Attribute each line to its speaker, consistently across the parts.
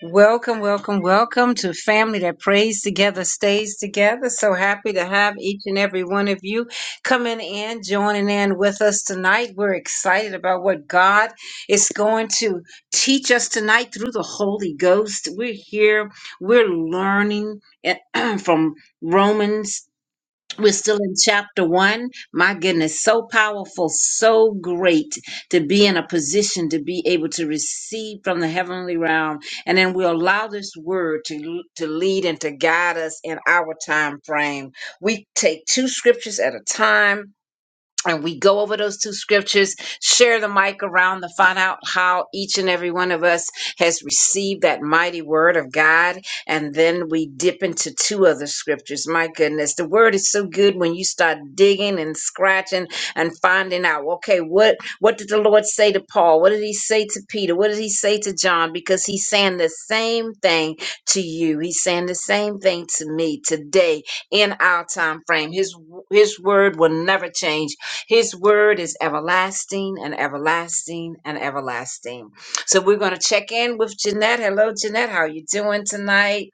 Speaker 1: Welcome, welcome, welcome to Family That Prays Together, Stays Together. So happy to have each and every one of you coming in, joining in with us tonight. We're excited about what God is going to teach us tonight through the Holy Ghost. We're here, we're learning from Romans. We're still in chapter one. My goodness, so powerful, so great to be in a position to be able to receive from the heavenly realm. And then we allow this word to, to lead and to guide us in our time frame. We take two scriptures at a time and we go over those two scriptures, share the mic around to find out how each and every one of us has received that mighty word of God. And then we dip into two other scriptures. My goodness, the word is so good when you start digging and scratching and finding out, okay, what, what did the Lord say to Paul? What did he say to Peter? What did he say to John? Because he's saying the same thing to you. He's saying the same thing to me today in our time frame. His, his word will never change his word is everlasting and everlasting and everlasting. So we're going to check in with Jeanette. Hello, Jeanette. How are you doing tonight?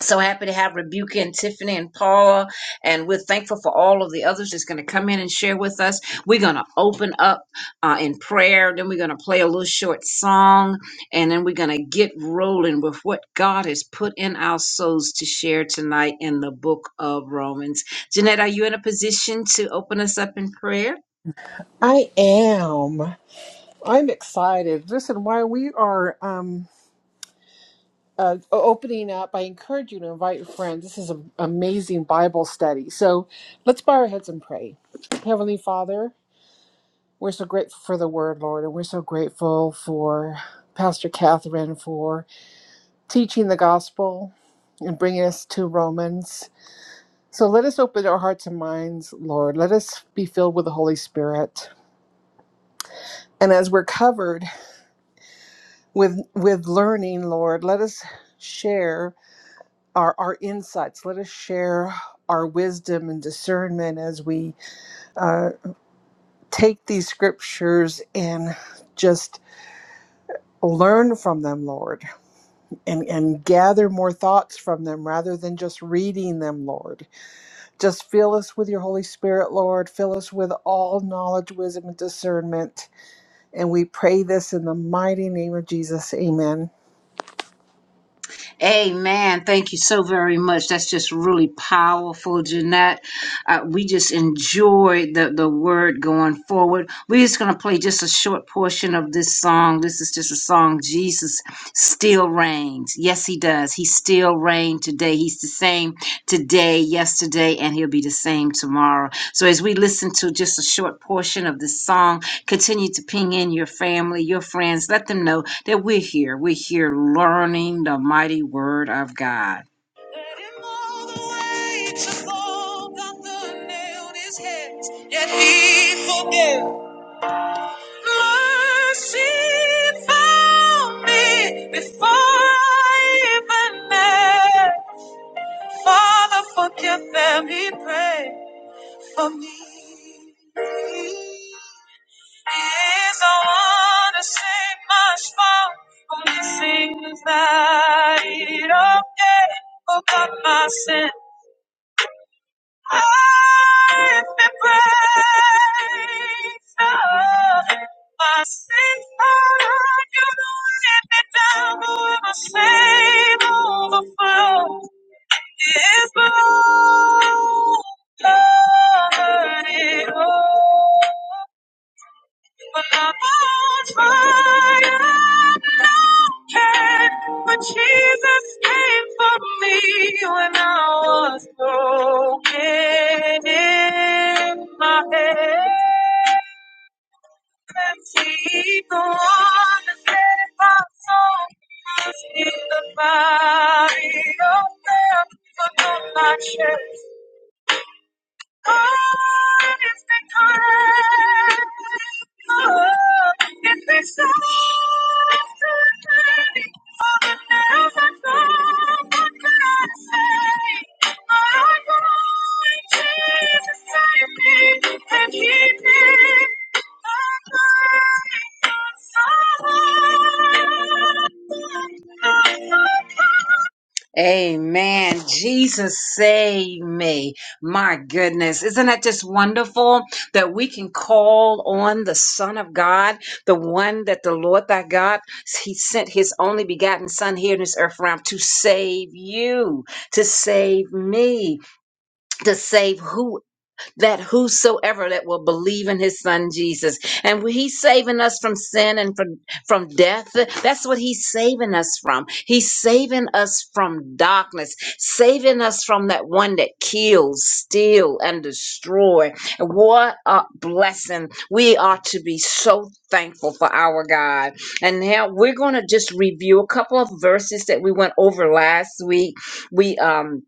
Speaker 1: So happy to have Rebuka and Tiffany and Paula. And we're thankful for all of the others that's going to come in and share with us. We're going to open up uh, in prayer. Then we're going to play a little short song. And then we're going to get rolling with what God has put in our souls to share tonight in the book of Romans. Jeanette, are you in a position to open us up in prayer?
Speaker 2: I am. I'm excited. Listen, while we are um, uh, o- opening up, I encourage you to invite your friends. This is an amazing Bible study. So let's bow our heads and pray. Heavenly Father, we're so grateful for the word, Lord, and we're so grateful for Pastor Catherine for teaching the gospel and bringing us to Romans. So let us open our hearts and minds, Lord. Let us be filled with the Holy Spirit. And as we're covered, with with learning lord let us share our our insights let us share our wisdom and discernment as we uh, take these scriptures and just learn from them lord and and gather more thoughts from them rather than just reading them lord just fill us with your holy spirit lord fill us with all knowledge wisdom and discernment and we pray this in the mighty name of jesus amen
Speaker 1: Amen. Thank you so very much. That's just really powerful, Jeanette. Uh, we just enjoyed the, the word going forward. We're just going to play just a short portion of this song. This is just a song, Jesus Still Reigns. Yes, He does. He still reigns today. He's the same today, yesterday, and He'll be the same tomorrow. So as we listen to just a short portion of this song, continue to ping in your family, your friends. Let them know that we're here. We're here learning the mighty word of God. Let him all the way to fall down the nailed his hands, yet he forgave. Mercy found me before I even met. Father, forgive them, he prayed for me. He's the one to save my soul. Only things that he don't get, who got my sin. I've been praised. the Lord. My sin found you to let me down, but when my shame overflows, his blood covered it all. But I was fired, no care. But Jesus came for me when I was broken in my head. And He's the one that set my soul loose in the body of death. But don't I Oh, it's the time. Oh, it's the time. Oh, the love I found, what could I say? Oh, Lord, Jesus, save me and keep me. Oh, Lord, it's your soul. Oh, Lord, Amen. Jesus save me. My goodness. Isn't that just wonderful that we can call on the Son of God, the one that the Lord thy God, he sent his only begotten Son here in this earth realm to save you, to save me, to save whoever that whosoever that will believe in his son Jesus. And he's saving us from sin and from, from death. That's what he's saving us from. He's saving us from darkness, saving us from that one that kills, steal, and destroy. What a blessing. We are to be so thankful for our God. And now we're going to just review a couple of verses that we went over last week. We, um,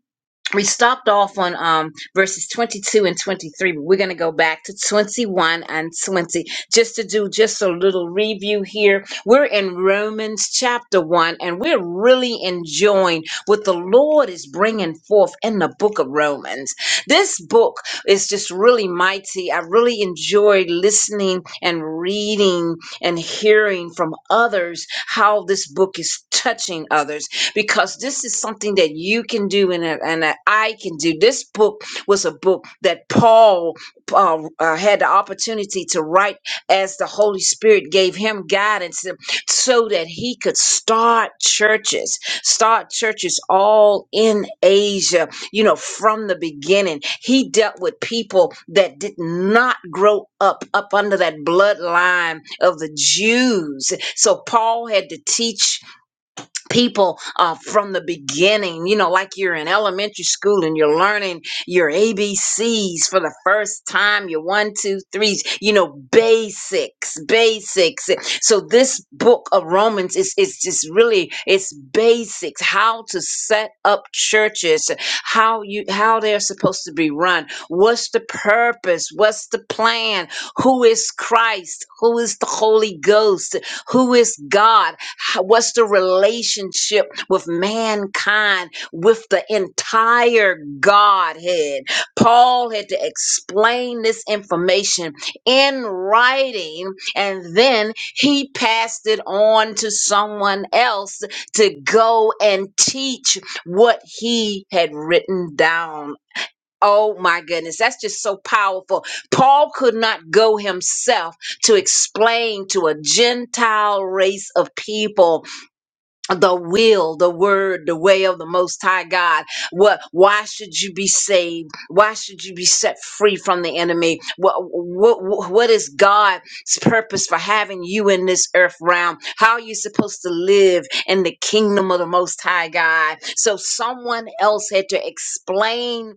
Speaker 1: we stopped off on um verses 22 and 23 but we're going to go back to 21 and 20 just to do just a little review here we're in romans chapter 1 and we're really enjoying what the lord is bringing forth in the book of romans this book is just really mighty i really enjoyed listening and reading and hearing from others how this book is touching others because this is something that you can do and, that- and that I can do. This book was a book that Paul uh, uh, had the opportunity to write as the Holy Spirit gave him guidance uh, so that he could start churches, start churches all in Asia, you know, from the beginning. He dealt with people that did not grow up, up under that bloodline of the Jews. So Paul had to teach people uh, from the beginning, you know, like you're in elementary school and you're learning your ABCs for the first time, your one, two, threes, you know, basics, basics. So this book of Romans is, is just really, it's basics, how to set up churches, how you, how they're supposed to be run. What's the purpose? What's the plan? Who is Christ? Who is the Holy Ghost? Who is God? How- What's the relationship with mankind, with the entire Godhead? Paul had to explain this information in writing, and then he passed it on to someone else to go and teach what he had written down. Oh my goodness, that's just so powerful. Paul could not go himself to explain to a Gentile race of people the will, the word, the way of the most high God. What why should you be saved? Why should you be set free from the enemy? What what what is God's purpose for having you in this earth realm? How are you supposed to live in the kingdom of the most high God? So someone else had to explain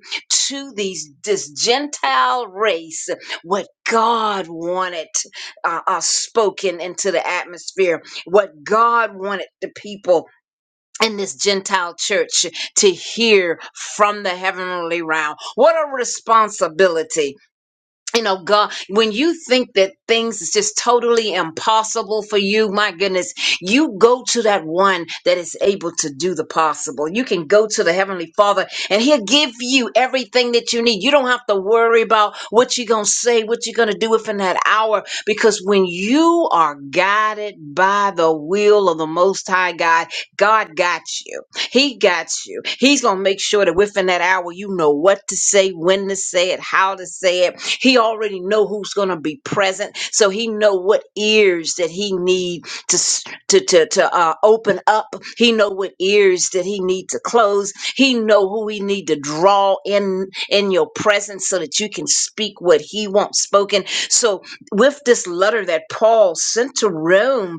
Speaker 1: to these this Gentile race what God wanted uh, uh, spoken into the atmosphere what God wanted the people in this Gentile church to hear from the heavenly realm. What a responsibility you know god when you think that things is just totally impossible for you my goodness you go to that one that is able to do the possible you can go to the heavenly father and he'll give you everything that you need you don't have to worry about what you're going to say what you're going to do within that hour because when you are guided by the will of the most high god god got you he got you he's going to make sure that within that hour you know what to say when to say it how to say it he already know who's going to be present, so he know what ears that he need to s- to to, to uh, open up. He know what ears that he need to close. He know who he need to draw in in your presence so that you can speak what he wants spoken. So with this letter that Paul sent to Rome,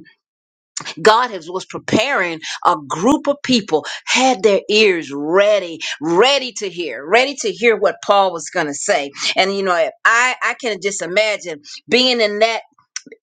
Speaker 1: God has was preparing a group of people had their ears ready, ready to hear, ready to hear what Paul was going to say. And you know, I I can just imagine being in that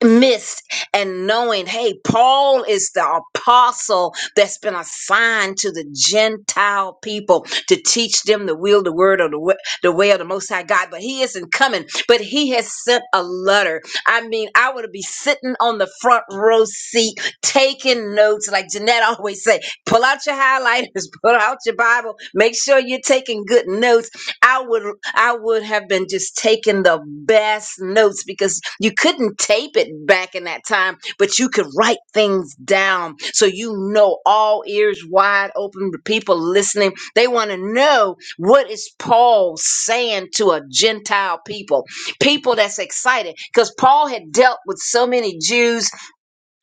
Speaker 1: midst and knowing, hey, Paul is the apostle that's been assigned to the Gentile people to teach them the will, the word, or the way, the way of the Most High God. But he isn't coming, but he has sent a letter. I mean, I would be sitting on the front row seat taking notes, like Jeanette always say, pull out your highlighters, pull out your Bible, make sure you're taking good notes I would I would have been just taking the best notes because you couldn't tape it back in that time, but you could write things down so you know all ears wide open. The people listening, they want to know what is Paul saying to a Gentile people, people that's excited because Paul had dealt with so many Jews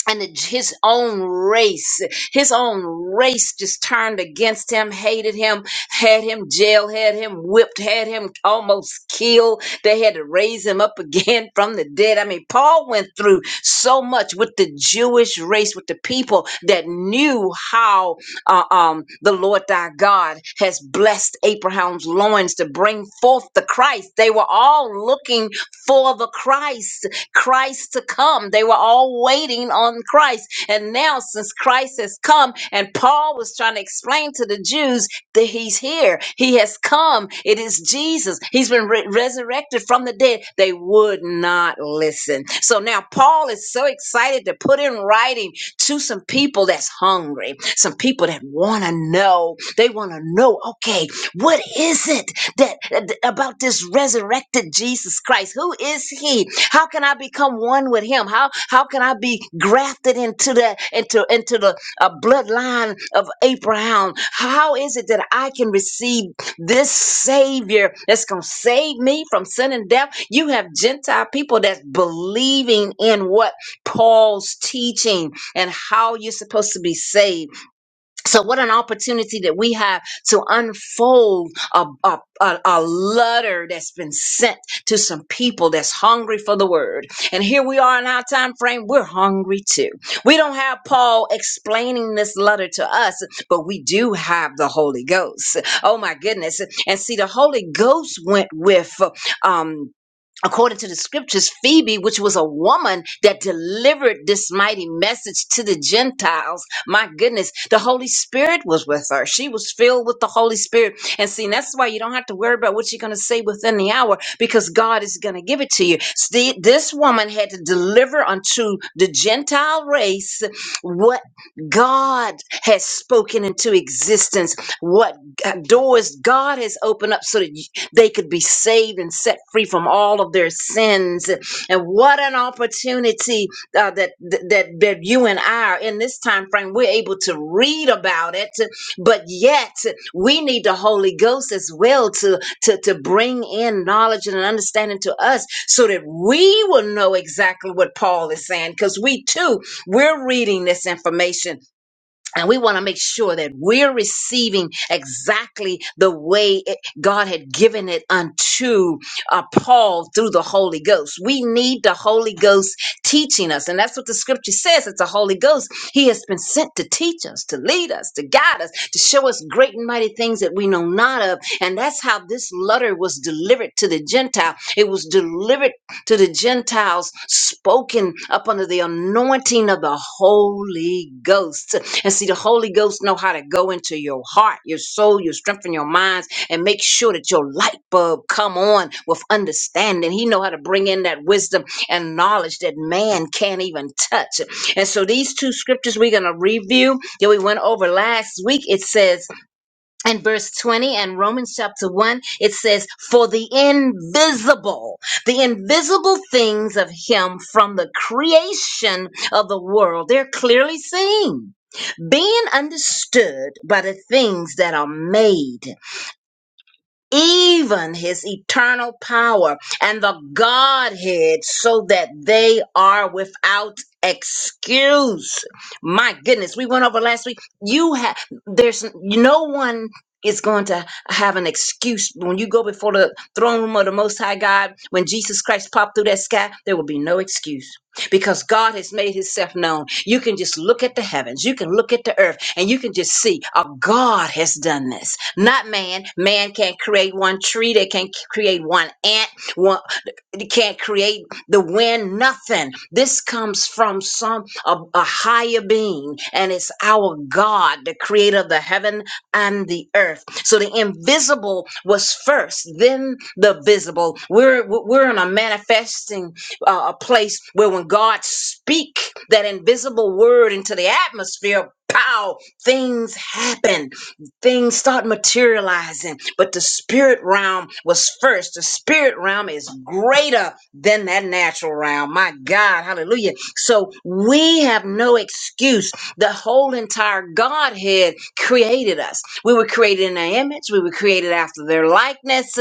Speaker 1: and the- his own race, his own race just turned against him, hated him, had him jailed, had him whipped, had him almost killed. They had to raise him up again from the dead. I mean, Paul went through so much with the Jewish race, with the people that knew how uh, um, the Lord thy God has blessed Abraham's loins to bring forth the Christ. They were all looking for the Christ Christ to come. They were all waiting on Christ. And now, since Christ has come, and Paul was trying to explain to the Jews that he's here, he has come. It is Jesus. He's been re- resurrected from the dead. They would not listen. So now, Paul is so excited to put in writing to some people that's hungry, some people that want to know. They want to know, okay, what is it? that that- about this resurrected Jesus Christ. Who is he? How can I become one with him? How how can I be grafted into the into into the uh, bloodline of Abraham? How is it that I can receive this Savior that's going to save me from sin and death? You have Gentile people that's believing in what Paul's teaching and how you're supposed to be saved so, what an opportunity that we have to unfold a, a, a, a letter that's been sent to some people that's hungry for the word. And here we are in our time frame, we're hungry too. We don't have Paul explaining this letter to us, but we do have the Holy Ghost. Oh my goodness. And see, the Holy Ghost went with um, according to the scriptures, Phoebe, which was a woman that delivered this mighty message to the Gentiles, my goodness, the Holy Spirit was with her. She was filled with the Holy Spirit. And see, that's why you don't have to worry about what you're going to say within the hour because God is going to give it to you. See, this woman had to deliver unto the Gentile race what God has spoken into existence, what doors God has opened up so that they could be saved and set free from all of their sins. And what an opportunity uh, that, that that you and I are in this time frame. We're able to read about it, but yet we need the Holy Ghost as well to to to bring in knowledge and an understanding to us, so that we will know exactly what Paul is saying, because we too we're reading this information and we want to make sure that we're receiving exactly the way it, God had given it unto uh, Paul through the Holy Ghost. We need the Holy Ghost teaching us. And that's what the scripture says. It's the Holy Ghost. He has been sent to teach us, to lead us, to guide us, to show us great and mighty things that we know not of. And that's how this letter was delivered to the Gentile. It was delivered to the Gentiles spoken up under the anointing of the Holy Ghost. And see, the Holy Ghost know how to go into your heart, your soul, your strength, and your minds, and make sure that your light bulb come on with understanding. He know how to bring in that wisdom and knowledge that man can't even touch. And so these two scriptures we're going to review that we went over last it says in chapter 1 it says for the invisible the invisible things of him and." being made poor, and they are without excuse. My goodness, we went over last week. You have there's no one is going to have an excuse when you go before the throne room of the Most High God. When Jesus Christ popped through that sky, there will be no excuse because God has made Himself known. You can just look at the heavens, you can look at the earth, and you can just see, oh, God has done this, not man. Man can't create one tree, they can't c- create one ant, you can't create the wind, nothing. This comes from some a, a higher being, and it's our God, the creator of the heaven and the earth. So the invisible was first, then the visible. We're we're in a manifesting uh, a place where when God speak that invisible word into the atmosphere, pow, things happen realizing. But the spirit realm was first. The spirit realm is greater than that natural realm. My God, hallelujah. So we have no excuse. The whole entire Godhead created us. We were created in their image, we were created after their likeness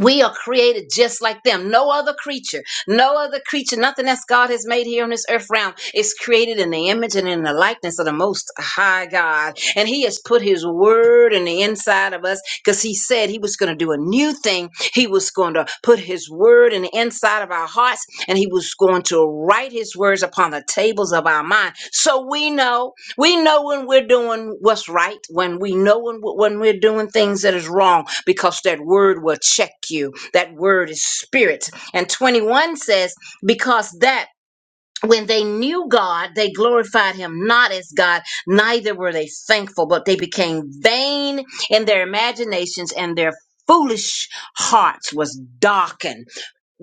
Speaker 1: we are created just like them. No other creature, no other creature, nothing that's God has made here on this earth realm is created in the image and in the likeness of the most high God. And he has put his word in the inside of us because he said he was going to do a new thing. He was going to put his word in the inside of our hearts and he was going to write his words upon the tables of our mind. So we know we know when we're doing what's right, when we know when, when we're doing things that is wrong, because that word will check you. That word is spirit. And 21 says, because that when they knew God, they glorified him not as God, neither were they thankful, but they became vain in their imaginations and their foolish hearts was darkened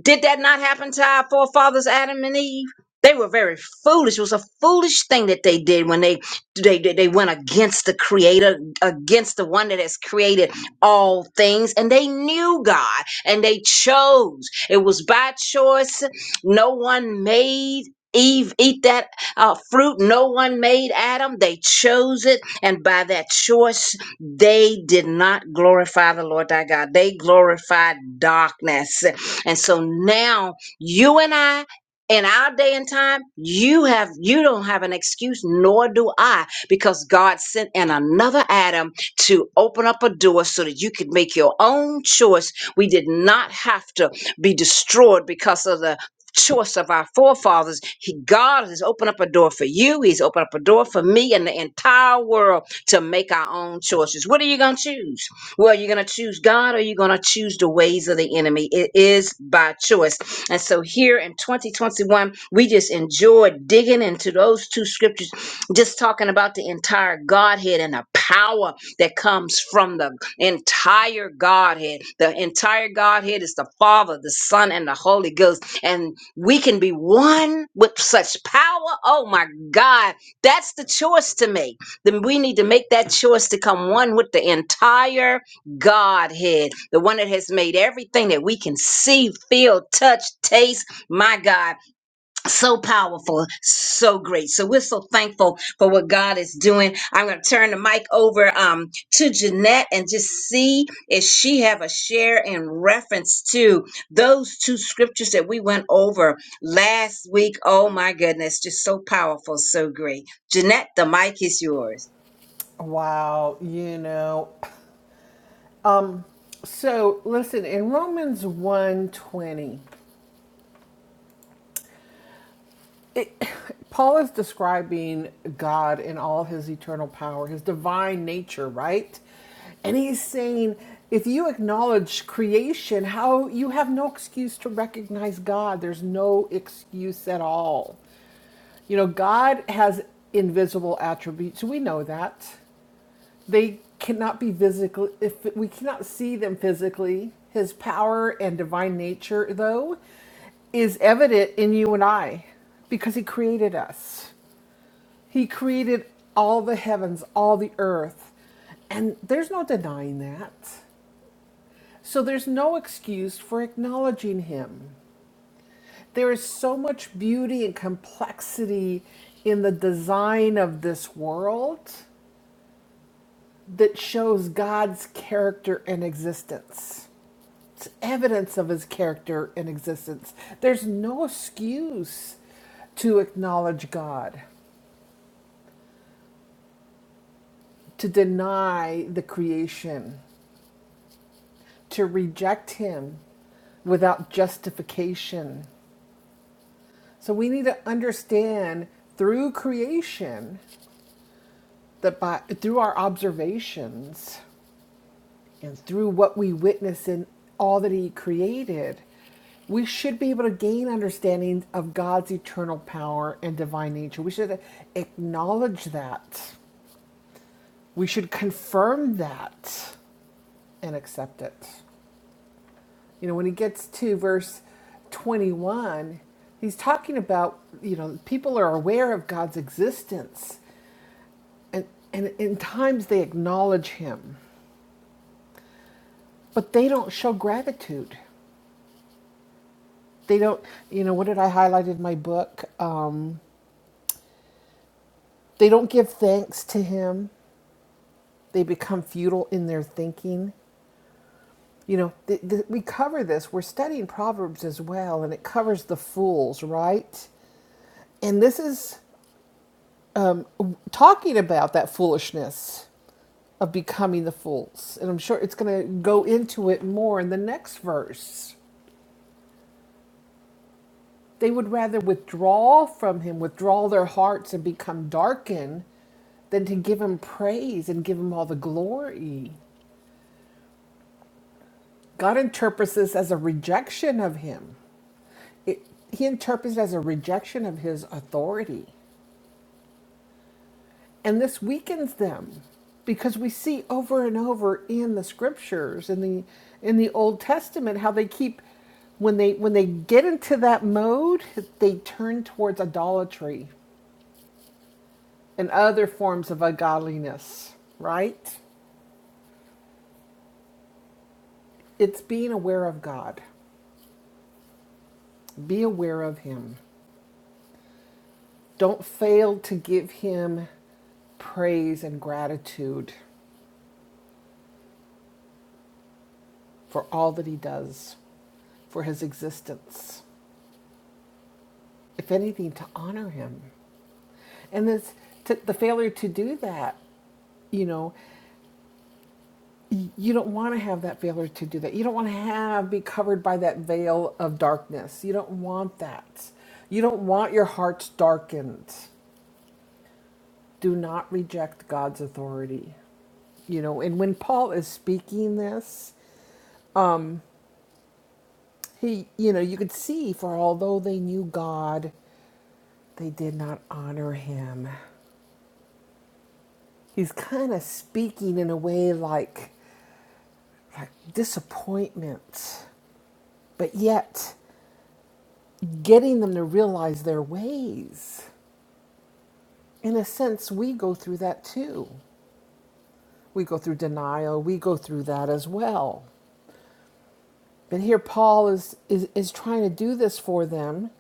Speaker 1: did that not happen to our forefathers Adam and Eve? They were very foolish. It was a foolish thing that they did when they they they they went against the creator, against the one that has created all things, and they knew God and they chose. It was by choice. No one made Eve eat that uh, fruit. No one made Adam. They chose it, and by that choice, they did not glorify the Lord thy God. They glorified darkness and so now you and I in our day and time, you have you don't have an excuse, nor do I, because God sent in another Adam to open up a door so that you could make your own choice. We did not have to be destroyed because of the choice of our forefathers. He, God has opened up a door for you. He's opened up a door for me and the entire world to make our own choices. What are you gonna choose? Well, you're going to choose God or you're going to choose the ways of the enemy. It is by choice. And so here in 2021, we just enjoyed digging into those two scriptures, just talking about the entire Godhead and the power that comes from the entire Godhead. The entire Godhead is the Father, the Son, and the Holy Ghost. And we can be one with such power. Oh my God. That's the choice to make. Then we need to make that choice to come one with the entire Godhead, the one that has made everything that we can see, feel, touch, taste. My God, so powerful, so great. So we're so thankful for what God is doing. I'm going to turn the mic over um, to Jeanette and just see if she have a share in reference to those two scriptures that we went over last week. Oh my goodness, just so powerful, so great. Jeanette, the mic is yours.
Speaker 2: Wow, you know, Um, So listen, in Romans one twenty, it, Paul is describing God in all his eternal power, his divine nature, right? And he's saying, if you acknowledge creation, how you have no excuse to recognize God. There's no excuse at all. You know, God has invisible attributes. We know that. they cannot be physical if we cannot see them physically his power and divine nature though is evident in you and i because he created us he created all the heavens all the earth and there's no denying that so there's no excuse for acknowledging him there is so much beauty and complexity in the design of this world that shows God's character and existence. It's evidence of his character and existence. There's no excuse to acknowledge God, to deny the creation, to reject him without justification. So we need to understand through creation that by through our observations and through what we witness in all that He created, we should be able to gain understanding of God's eternal power and divine nature. We should acknowledge that. We should confirm that and accept it. You know, when he gets to verse 21, he's talking about, you know, people are aware of God's existence and, and in times they acknowledge him, but they don't show gratitude. they don't you know what did i highlight in my book um, they don't give thanks to him they become futile in their thinking you know th- th- we cover this we're studying proverbs as well and it covers the fools right and this is talking about that foolishness of becoming the fools and i'm sure it's going to go into it more in the next verse They would rather withdraw from him, withdraw their hearts and become darkened than to give him praise and give him all the glory. God interprets this as a rejection of him. It, he interprets it as a rejection of his authority. And this weakens them because we see over and over in the scriptures in the in the Old Testament how they keep when they when they get into that mode, they turn towards idolatry and other forms of ungodliness, right? It's being aware of God. Be aware of Him. Don't fail to give Him praise and gratitude for all that He does, for His existence. If anything, to honor Him. And this, to, the failure to do that, you know, you don't want to have that failure to do that. You don't want to have be covered by that veil of darkness. You don't want that. You don't want your hearts darkened. Do not reject God's authority. You know, and when Paul is speaking this, um, he, you know, you could see for although they knew God, they did not honor him. He's kind of speaking in a way like, like disappointment, but yet getting them to realize their ways. In a sense, we go through that too. We go through denial, we go through that as well. But here Paul is, is, is trying to do this for them,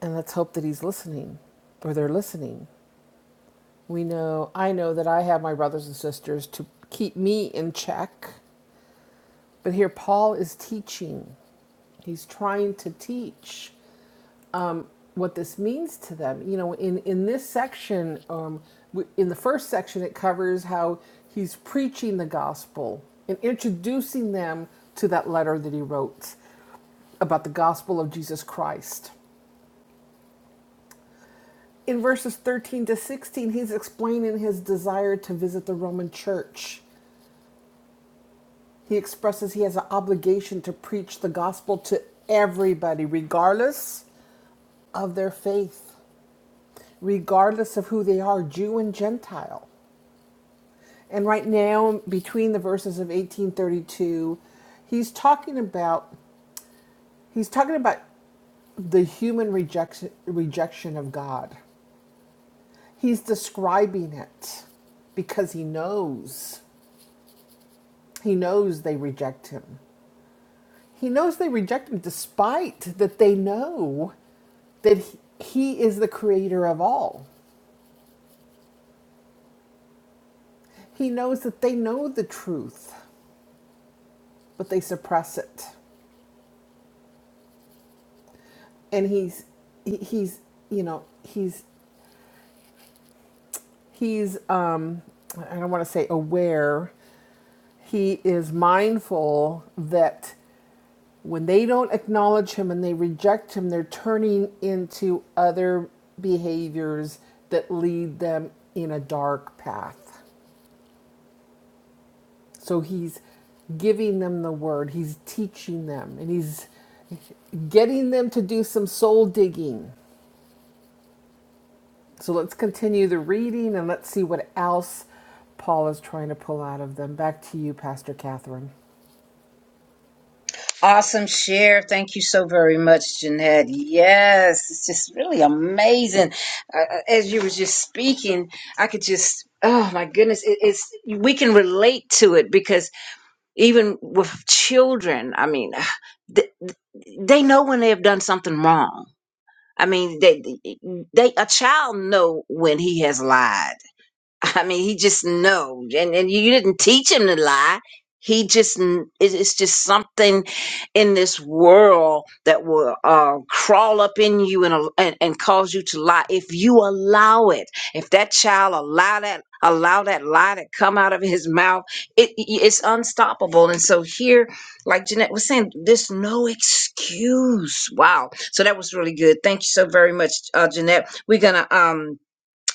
Speaker 2: and let's hope that he's listening or they're listening. We know, I know that I have my brothers and sisters to keep me in check, but here Paul is teaching. He's trying to teach. what this means to them. You know, in in this section, um, in the first section, it covers how he's preaching the gospel and introducing them to that letter that he wrote about the gospel of Jesus Christ. In verses 13 to 16, he's explaining his desire to visit the Roman church. He expresses he has an obligation to preach the gospel to everybody, regardless of their faith, regardless of who they are, Jew and Gentile. And right now, between the verses of 1832, he's talking about he's talking about the human rejection rejection of God. He's describing it because he knows. He knows they reject him. He knows they reject him despite that they know that he he is the creator of all. He knows that they know the truth, but they suppress it. And he's he- he's you know, he's He's, um, I don't want to say aware, he is mindful that when they don't acknowledge him and they reject him, they're turning into other behaviors that lead them in a dark path. So he's giving them the word, he's teaching them, and he's getting them to do some soul digging. So let's continue the reading and let's see what else Paul is trying to pull out of them. Back to you, Pastor Catherine.
Speaker 1: Awesome share. Thank you so very much, Jeanette. Yes, it's just really amazing. Uh, uh, as you were just speaking, I could just, oh my goodness, it, it's, we can relate to it because even with children, I mean, th- they know when they have done something wrong. I mean, they, they, a child know when he has lied I mean, he just know, and and you didn't teach him to lie. He just kn- it- it's just something in this world that will uh, crawl up in you and, al- and and cause you to lie if you allow it. If that child allow that allow that lie to come out of his mouth, it it- it's unstoppable. And so here, like Jeanette was saying, there's no excuse. Wow. So that was really good. Thank you so very much, uh, Jeanette. We're gonna um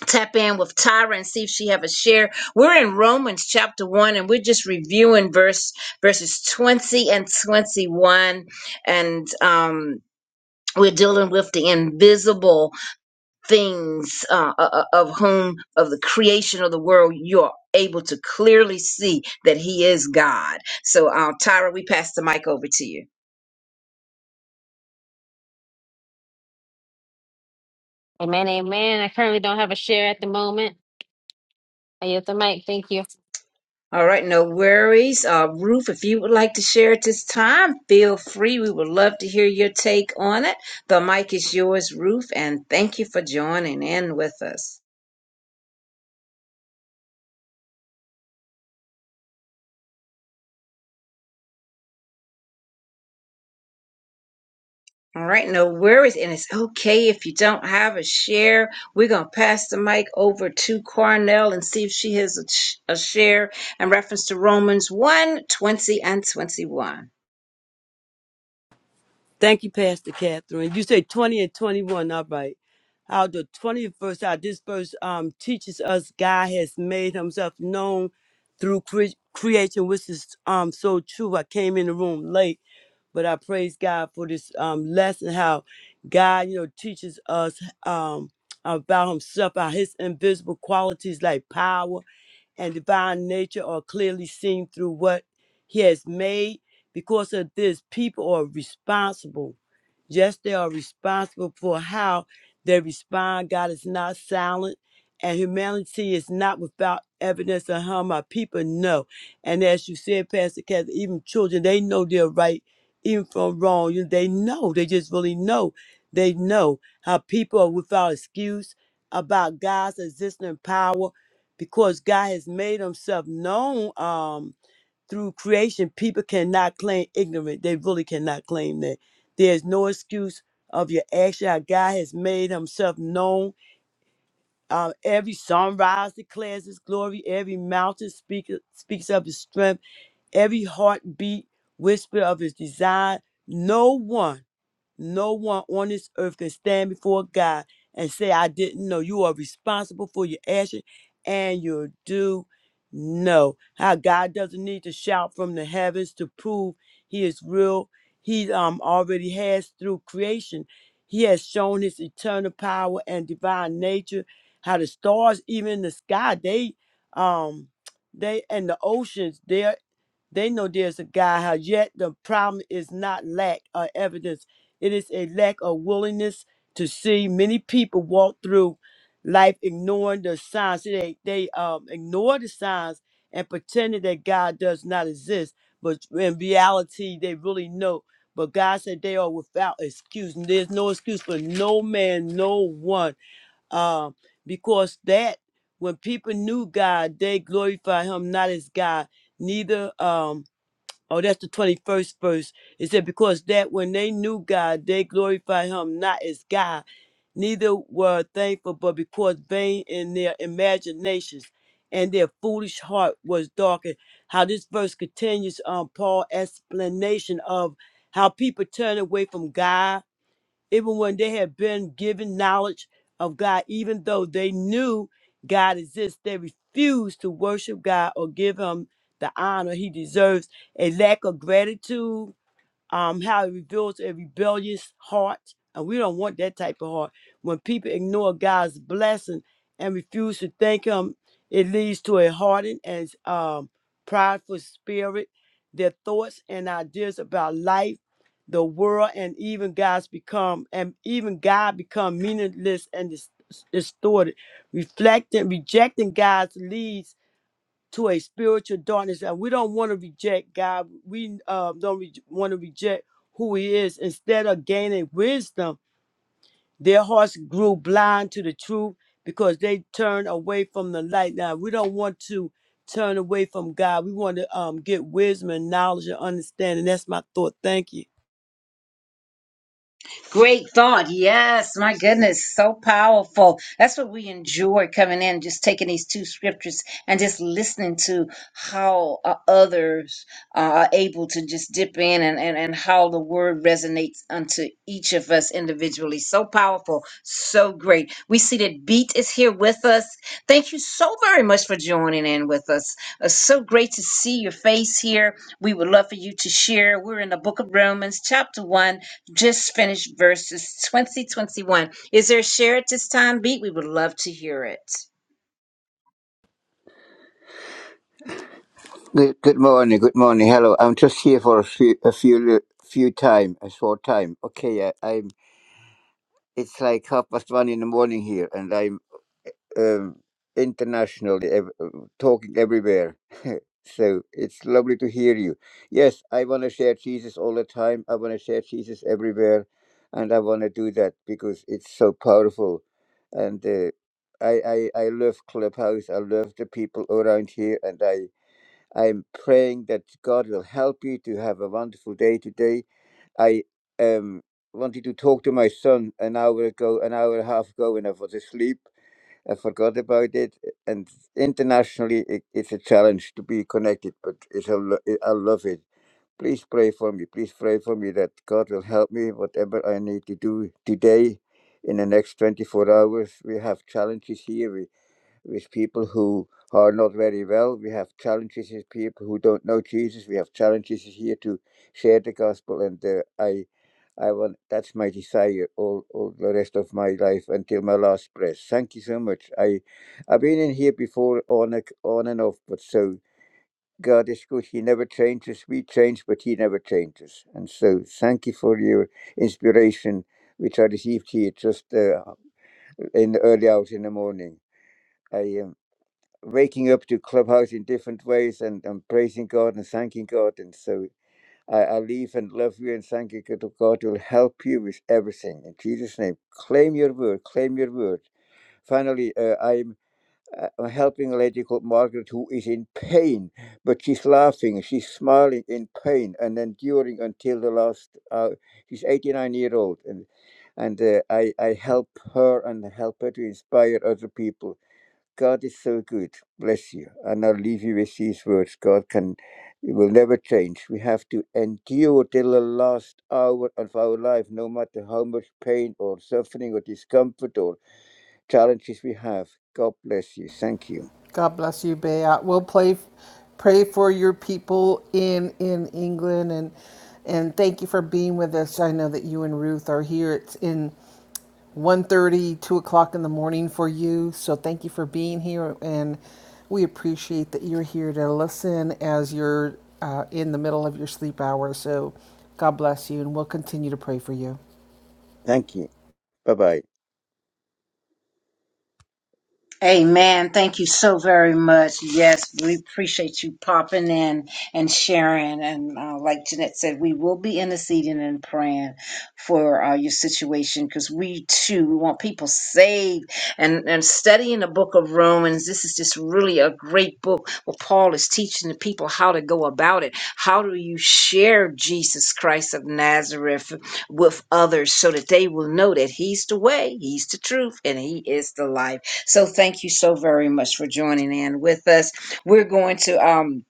Speaker 1: tap in with Tyra and see if she have a share. We're in Romans chapter 1 and we're just reviewing verse verses 20 and 21 and um we're dealing with the invisible things uh, o- o- of whom of the creation of the world you are able to clearly see that he is God. So uh, Tyra, we pass the mic over to you.
Speaker 3: Amen, amen. I currently don't have a share at the moment. I yield the mic. Thank you.
Speaker 1: All right, no worries. Uh, Ruth, if you would like to share at this time, feel free. We would love to hear your take on it. The mic is yours, Ruth, and thank you for joining in with us. All right, no worries. And it's okay if you don't have a share. We're going to pass the mic over to Cornell and see if she has a, sh- a share in reference to Romans one 20 and 21.
Speaker 4: Thank you, Pastor Catherine. You say 20 and 21, all right. How the 21st, how this verse um, teaches us God has made himself known through cre- creation, which is um so true. I came in the room late. But I praise God for this um, lesson, how God, you know, teaches us um, about Himself, how His invisible qualities like power and divine nature are clearly seen through what He has made. Because of this, people are responsible. Yes, they are responsible for how they respond. God is not silent, and humanity is not without evidence of harm. Our people know. And as you said, Pastor Kathy, even children, they know their right even from wrong. You- They know. They just really know. They know how people are without excuse about God's existing power because God has made himself known um, through creation. People cannot claim ignorant. They really cannot claim that. There's no excuse of your action. How God has made himself known. Um, every sunrise declares his glory. Every mountain speak, speaks of his strength every heartbeat, whisper of his desire. No one no one on this earth can stand before God and say, I didn't know. You are responsible for your action and your do know. How God doesn't need to shout from the heavens to prove he is real. He um already has through creation. He has shown his eternal power and divine nature. How the stars, even in the sky, they um they and the oceans, they're they know there's a God. How yet the problem is not lack of evidence it is a lack of willingness to see many people walk through life ignoring the signs. See, They they um, ignore the signs and pretending that God does not exist, but in reality they really know. But God said they are without excuse. And there's no excuse for no man, no one, um, because that when people knew God, they glorified Him not as God, neither. Um, Oh, that's the 21st verse. It said, Because that when they knew God, they glorified him not as God, neither were thankful, but because vain in their imaginations and their foolish heart was darkened. How this verse continues on Paul's explanation of how people turn away from God even when they had been given knowledge of God, even though they knew God exists, they refused to worship God or give him the honor he deserves. A lack of gratitude um, how it reveals a rebellious heart. And we don't want that type of heart. When people ignore God's blessing and refuse to thank Him, it leads to a hardened and um, prideful spirit. Their thoughts and ideas about life, the world, and even God's become and even God become meaningless and dis- distorted, reflecting rejecting God's leads to a spiritual darkness and we don't want to reject god we uh, don't re- want to reject who he is instead of gaining wisdom their hearts grew blind to the truth because they turned away from the light now we don't want to turn away from god we want to um, get wisdom and knowledge and understanding that's my thought thank you
Speaker 1: Great thought. Yes, my goodness, so powerful. That's what we enjoy coming in, just taking these two scriptures and just listening to how uh, others are able to just dip in and, and, and how the word resonates unto each of us individually. So powerful, so great. We see that Beat is here with us. Thank you so very much for joining in with us. It's so great to see your face here. We would love for you to share. We're in the book of Romans, chapter 1 just finished verses 20 21. Is there a share at this time, Beat? We would love to hear it.
Speaker 5: Good, good morning, good morning. Hello, I'm just here for a few, a few, li- few time, a short time. Okay, I, I'm. It's like half past one in the morning here, and I'm um, internationally ev- uh, talking everywhere. so it's lovely to hear you. Yes, I want to share Jesus all the time. I want to share Jesus everywhere, and I want to do that because it's so powerful. And uh, I, I, I love Clubhouse. I love the people around here, and I. I'm praying that God will help you to have a wonderful day today. I um, wanted to talk to my son an hour ago, an hour and a half ago, when I was asleep. I forgot about it. And internationally, it, it's a challenge to be connected, but it's a, lo- I love it. Please pray for me. Please pray for me that God will help me, whatever I need to do today in the next 24 hours. We have challenges here. We with people who are not very well. We have challenges with people who don't know Jesus. We have challenges here to share the gospel, and uh, I, I want that's my desire all, all the rest of my life until my last breath. Thank you so much. I, I've been in here before on a, on and off, but so God is good. He never changes. We change, but He never changes. And so thank you for your inspiration, which I received here just uh, in the early hours in the morning. I am waking up to Clubhouse in different ways and, and praising God and thanking God. And so I, I leave and love you and thank you that God will help you with everything. In Jesus' name, claim your word, claim your word. Finally, uh, I'm, uh, I'm helping a lady called Margaret who is in pain, but she's laughing, she's smiling in pain and enduring until the last hour. She's 89 year old and and uh, I, I help her and help her to inspire other people God is so good. Bless you. And I'll leave you with these words. God can will never change. We have to endure till the last hour of our life, no matter how much pain or suffering or discomfort or challenges we have. God bless you. Thank you.
Speaker 2: God bless you, Bea. We'll play, pray for your people in in England, and and thank you for being with us. I know that you and Ruth are here. It's in one thirty, two o'clock in the morning for you. So thank you for being here, and we appreciate that you're here to listen as you're uh, in the middle of your sleep hour. So God bless you, and we'll continue to pray for you.
Speaker 5: Thank you. Bye bye.
Speaker 1: Amen. Thank you so very much. Yes, we appreciate you popping in and sharing. And uh, like Jeanette said, we will be interceding and praying for uh, your situation because we too we want people saved. And and studying the Book of Romans, this is just really a great book. Where Paul is teaching the people how to go about it. How do you share Jesus Christ of Nazareth with others so that they will know that He's the way, He's the truth, and He is the life. So thank you so very much for joining in with us. We're going to um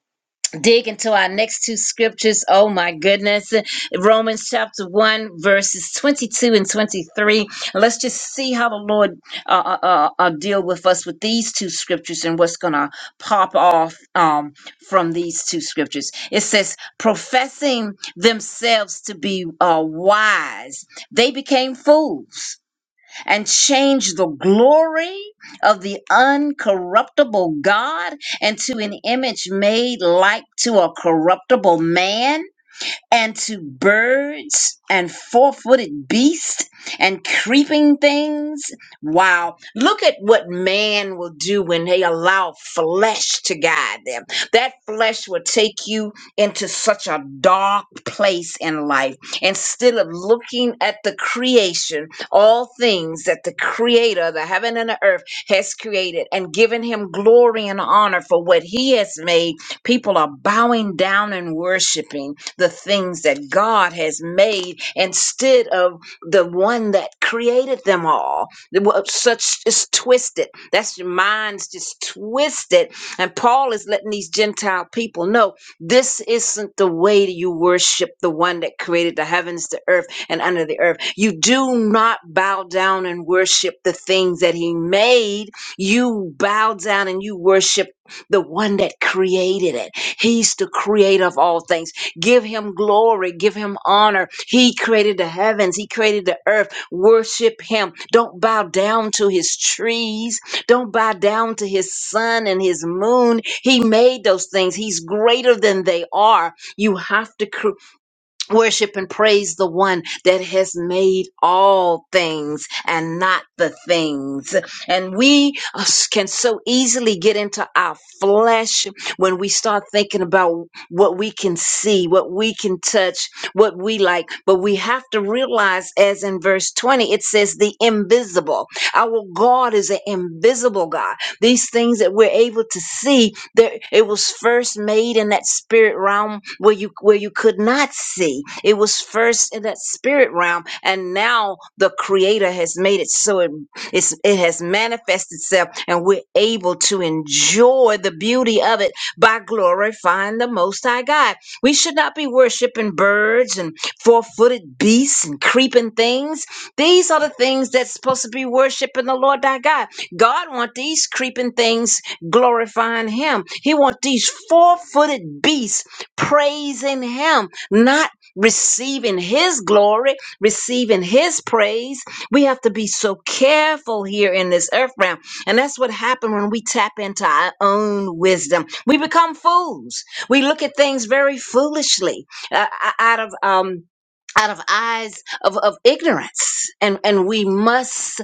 Speaker 1: dig into our next two scriptures. Oh my goodness. Romans chapter 1 verses 22 and 23. Let's just see how the Lord uh, uh, uh uh, deal with us with these two scriptures and what's going to pop off um from these two scriptures. It says professing themselves to be uh wise, they became fools and change the glory of the uncorruptible God into an image made like to a corruptible man and to birds and four footed beasts and creeping things. Wow. Look at what man will do when they allow flesh to guide them. That flesh will take you into such a dark place in life. Instead of looking at the creation, all things that the Creator, the heaven and the earth, has created and given him glory and honor for what he has made, people are bowing down and worshiping the things that God has made instead of the one that created them all. The wo- Such is twisted. That's your mind's just twisted. And Paul is letting these Gentile people know this isn't the way that you worship the one that created the heavens, the earth, and under the earth. You do not bow down and worship the things that he made. You bow down and you worship the one that created it. He's the creator of all things. Give him glory. Give him honor. He created the heavens. He created the earth. Worship him. Don't bow down to his trees. Don't bow down to his sun and his moon. He made those things. He's greater than they are. You have to create. Worship and praise the one that has made all things and not the things. And we uh, can so easily get into our flesh when we start thinking about what we can see, what we can touch, what we like. But we have to realize, as in verse 20, it says, the invisible. Our God is an invisible God. These things that we're able to see, there it was first made in that spirit realm where you where you could not see. It was first in that spirit realm, and now the Creator has made it so it it's, it has manifested itself, and we're able to enjoy the beauty of it by glorifying the Most High God. We should not be worshiping birds and four-footed beasts and creeping things. These are the things that's supposed to be worshiping the Lord thy God. God want these creeping things glorifying him. He want these four-footed beasts praising him, not receiving his glory, receiving his praise. We have to be so careful here in this earth realm. And that's what happened when we tap into our own wisdom. We become fools. We look at things very foolishly uh, uh, out of um out of eyes of, of ignorance and and we must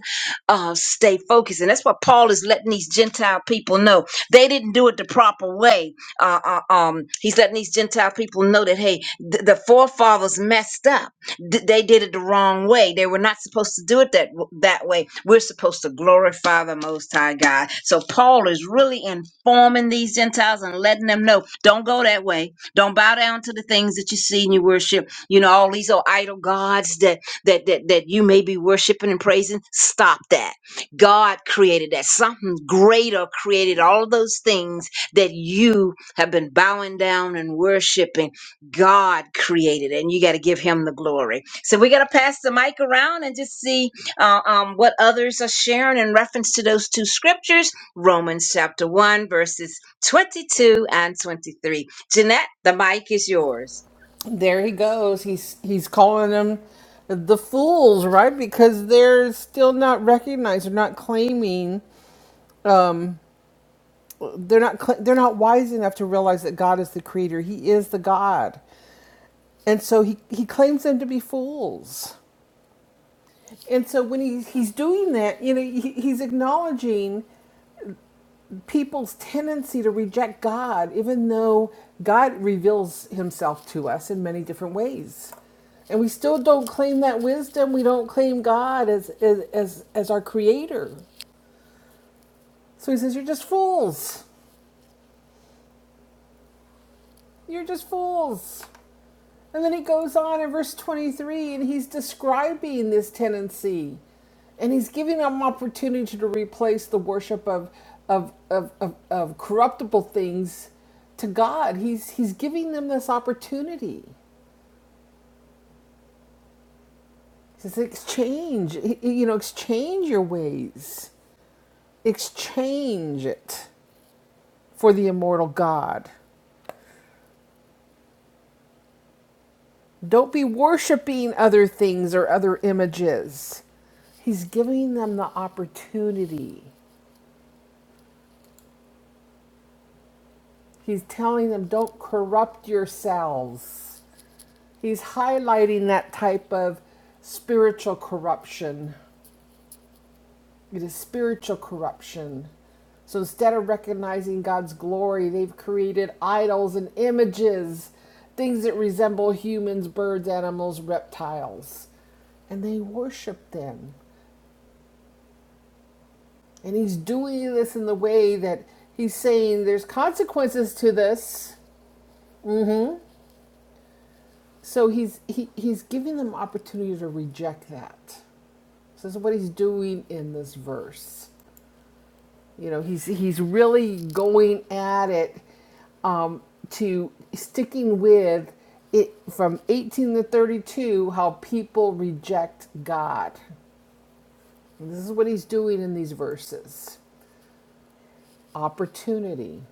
Speaker 1: uh, stay focused. And that's what Paul is letting these Gentile people know. They didn't do it the proper way. Uh, uh, um, he's letting these Gentile people know that, hey, th- the forefathers messed up. D- they did it the wrong way. They were not supposed to do it that, that way. We're supposed to glorify the Most High God. So Paul is really informing these Gentiles and letting them know don't go that way. Don't bow down to the things that you see and you worship. You know, all these old idol gods that that that you may be worshiping and praising stop that god created that something greater created all of those things that you have been bowing down and worshiping god created it, and you got to give him the glory so we got to pass the mic around and just see uh, um, what others are sharing in reference to those two scriptures romans chapter 1 verses 22 and 23 jeanette the mic is yours
Speaker 2: there he goes. He's he's calling them the fools, right? Because they're still not recognized. They're not claiming. They're not. Cl- they're not wise enough to realize that God is the creator. He is the God, and so he he claims them to be fools. And so when he's he's doing that, you know, he, he's acknowledging. people's tendency to reject God, even though God reveals himself to us in many different ways. And we still don't claim that wisdom. We don't claim God as, as, as, as our creator. So he says, You're just fools. You're just fools. And then he goes on in verse 23 and he's describing this tendency. And he's giving them opportunity to replace the worship of, of, of, of, of corruptible things to God. He's, he's giving them this opportunity. He says, exchange, you know, exchange your ways, exchange it for the immortal God. Don't be worshiping other things or other images. He's giving them the opportunity. He's telling them, don't corrupt yourselves. He's highlighting that type of spiritual corruption. It is spiritual corruption. So instead of recognizing God's glory, they've created idols and images, things that resemble humans, birds, animals, reptiles. And they worship them. And he's doing this in the way that he's saying there's consequences to this So he's he, he's giving them opportunity to reject that. So that's what he's doing in this verse. You know, he's he's really going at it um, to sticking with it from 18 to 32 how people reject God. And this is what he's doing in these verses. Opportunity,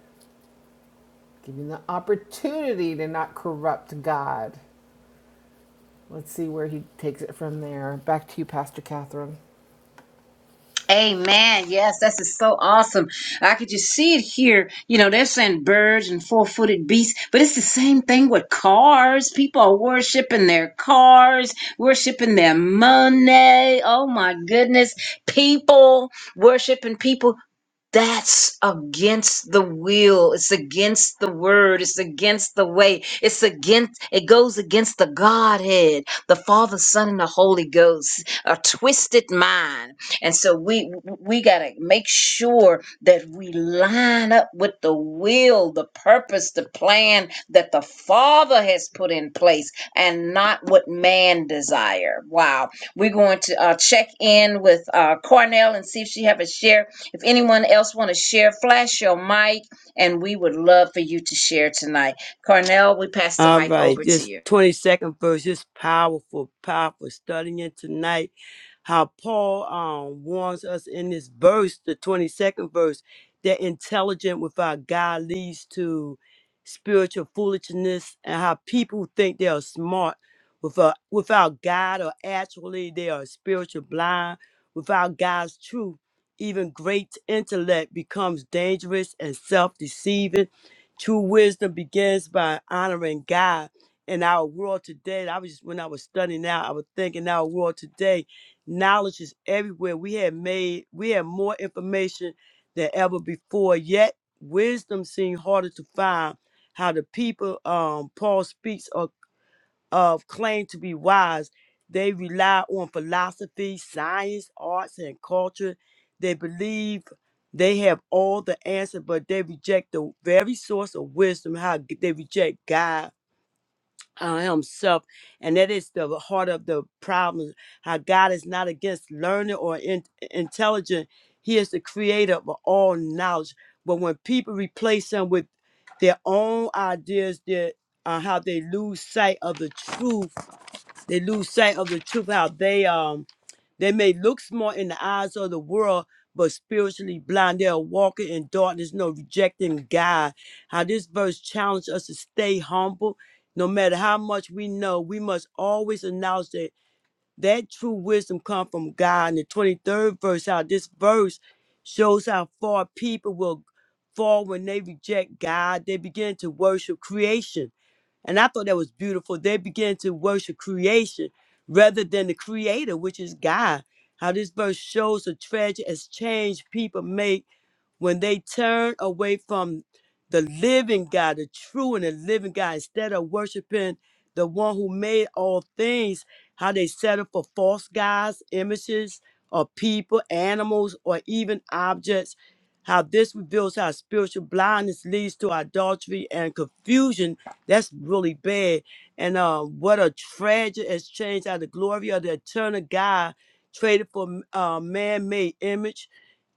Speaker 2: giving the opportunity to not corrupt God. Let's see where he takes it from there. Back to you, Pastor Catherine.
Speaker 1: Amen. Yes, this is so awesome. I could just see it here. You know, they're saying birds and four footed beasts, but it's the same thing with cars. People are worshiping their cars, worshiping their money. Oh my goodness. People worshiping people. That's against the will. It's against the word. It's against the way. It's against, it goes against the Godhead, the Father, Son, and the Holy Ghost, a twisted mind. And so we, we got to make sure that we line up with the will, the purpose, the plan that the Father has put in place and not what man desire. Wow. We're going to uh, check in with uh, Cornell and see if she have a share if anyone else want to share, flash your mic, and we would love for you to share tonight. Carnell, we pass the
Speaker 4: All
Speaker 1: mic
Speaker 4: right,
Speaker 1: over to
Speaker 4: this
Speaker 1: you.
Speaker 4: 22nd verse is powerful, powerful. Studying it tonight, how Paul um, warns us in this verse, the 22nd verse, that intelligent without God leads to spiritual foolishness, and how people think they are smart without, without God, or actually they are spiritual blind. Without God's truth, even great intellect becomes dangerous and self deceiving True wisdom begins by honoring God in our world today. I was just when I was studying out, I was thinking our world today, knowledge is everywhere. We have made we have more information than ever before, yet wisdom seemed harder to find. How the people um Paul speaks are of claim to be wise. They rely on philosophy, science, arts, and culture. They believe they have all the answer, but they reject the very source of wisdom. How g- they reject God uh, Himself, and that is the heart of the problem. How God is not against learning or in- intelligent; He is the creator of all knowledge. But when people replace Him with their own ideas, their uh, how they lose sight of the truth they lose sight of the truth, how they um they may look smart in the eyes of the world, but spiritually blind. They are walking in darkness, no rejecting God. How this verse challenged us to stay humble. No matter how much we know, we must always announce that that true wisdom comes from God. And the 23rd verse, how this verse shows how far people will fall when they reject God. They begin to worship creation and I thought that was beautiful. They began to worship creation rather than the creator, which is God. How this verse shows the treasure exchange people make when they turn away from the living God, the true and the living God, instead of worshiping the one who made all things, how they settle for false gods, images, or people, animals, or even objects, how this reveals how spiritual blindness leads to adultery and confusion. That's really bad. And uh, what a tragic exchange how the glory of the eternal God traded for uh, man made image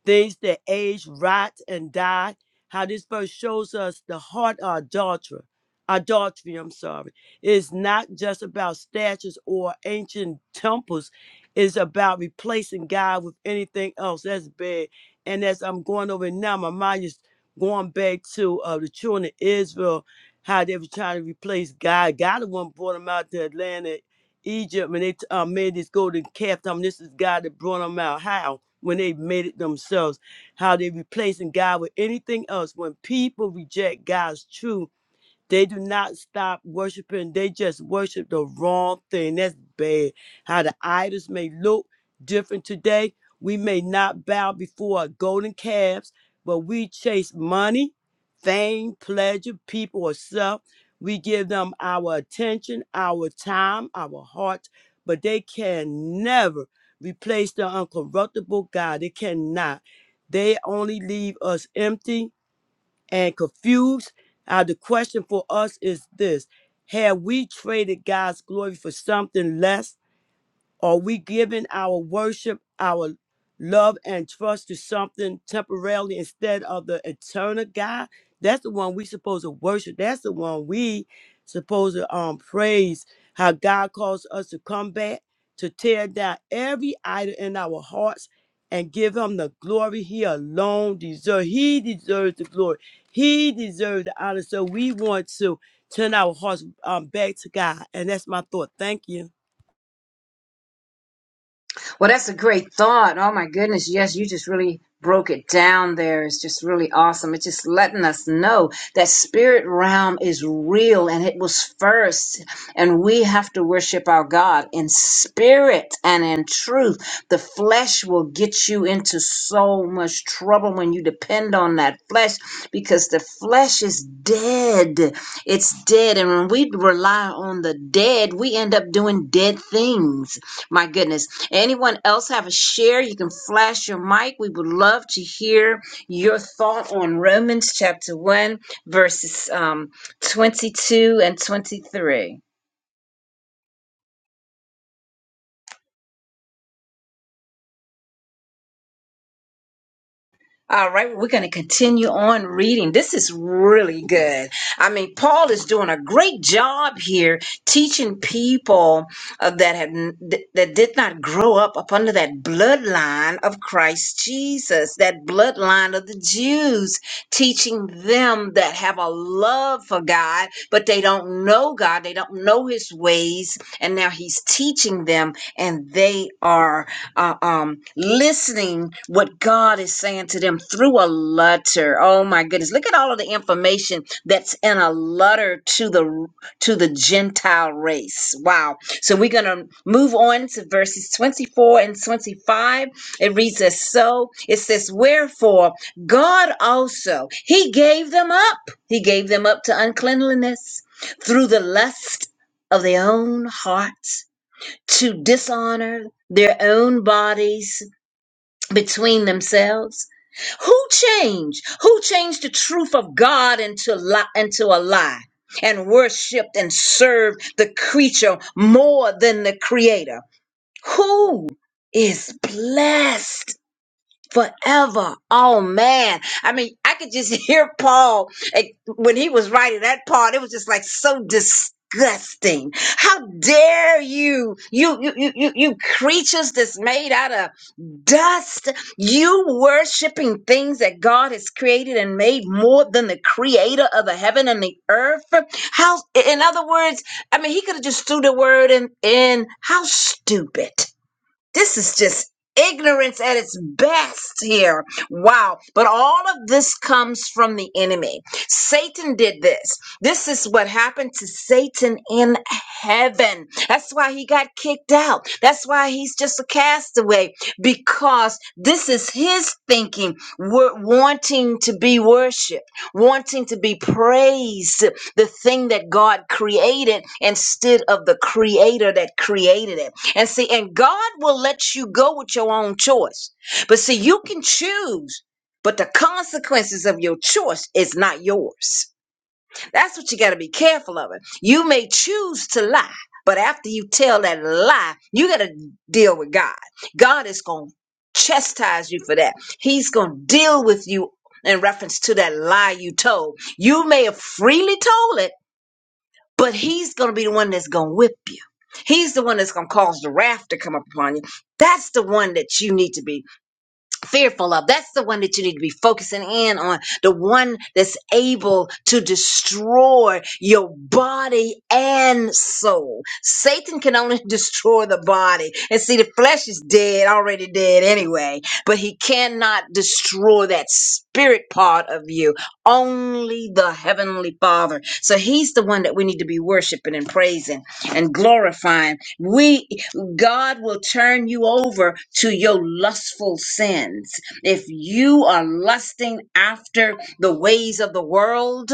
Speaker 4: things that age, rot, and die. How this verse shows us the heart of adulterer, adultery, I'm sorry, is not just about statues or ancient temples. It's about replacing God with anything else. That's bad. And as I'm going over it now, my mind is going back to uh, the children of Israel, how they were trying to replace God. God the one brought them out to Atlanta Egypt and they uh, made this golden calf. I mean, this is God that brought them out. How? When they made it themselves, how they replacing God with anything else. When people reject God's truth, they do not stop worshiping. They just worship the wrong thing. That's bad. How the idols may look different today. We may not bow before our golden calves, but we chase money, fame, pleasure, people, or self. We give them our attention, our time, our hearts, but they can never replace the uncorruptible God. They cannot. They only leave us empty and confused. Uh, the question for us is this Have we traded God's glory for something less? Are we giving our worship, our love, and trust to something temporarily instead of the eternal God? That's the one we supposed to worship. That's the one we supposed to um praise. How God calls us to come back to tear down every idol in our hearts and give Him the glory He alone deserves. He deserves the glory. He deserves the honor. So we want to turn our hearts um, back to God, and that's my thought. Thank you.
Speaker 1: Well, that's a great thought. Oh my goodness. Yes, you just really broke it down there. It's just really awesome. It's just letting us know that spirit realm is real and it was first. And we have to worship our God in spirit and in truth. The flesh will get you into so much trouble when you depend on that flesh because the flesh is dead. It's dead. And when we rely on the dead, we end up doing dead things. My goodness Anyone else have a share? You can flash your mic. We would love to hear your thought on Romans chapter 1, verses um, 22 and 23. All right, we're going to continue on reading. This is really good. I mean, Paul is doing a great job here teaching people uh, that had that did not grow up up under that bloodline of Christ Jesus, that bloodline of the Jews, teaching them that have a love for God, but they don't know God, they don't know his ways, and now he's teaching them and they are uh, um, listening what God is saying to them through a letter. Oh my goodness! Look at all of the information that's in a letter to the to the Gentile race. Wow! So we're gonna move on to verses twenty-four and twenty-five. It reads as so. It says, "Wherefore God also He gave them up. He gave them up to uncleanliness through the lust of their own hearts." to dishonor their own bodies between themselves? Who changed? Who changed the truth of God into, li- into a lie and worshiped and served the creature more than the creator? Who is blessed? forever. Oh man. I mean, I could just hear Paul like, when he was writing that part. It was just like so disgusting. How dare you, you, you, you, you, you creatures that's made out of dust, you worshiping things that God has created and made more than the creator of the heaven and the earth. How, in other words, I mean, he could have just threw the word in, in how stupid this is just ignorance at its best here. Wow. But all of this comes from the enemy. Satan did this. This is what happened to Satan in heaven. That's why he got kicked out. That's why he's just a castaway because this is his thinking, wa- wanting to be worshiped, wanting to be praised, the thing that God created instead of the creator that created it. And see, and God will let you go with your own choice. But see, you can choose, but the consequences of your choice is not yours. That's what you got to be careful of. It. You may choose to lie, but after you tell that lie, you got to deal with God. God is going to chastise you for that. He's going to deal with you in reference to that lie you told. You may have freely told it but he's going to be the one that's going to whip you. He's the one that's going to cause the wrath to come upon you. That's the one that you need to be fearful of. That's the one that you need to be focusing in on. The one that's able to destroy your body and soul. Satan can only destroy the body. And see, the flesh is dead, already dead anyway, but he cannot destroy that spirit part of you. Only the heavenly father. So he's the one that we need to be worshiping and praising and glorifying. We God will turn you over to your lustful sins. If you are lusting after the ways of the world,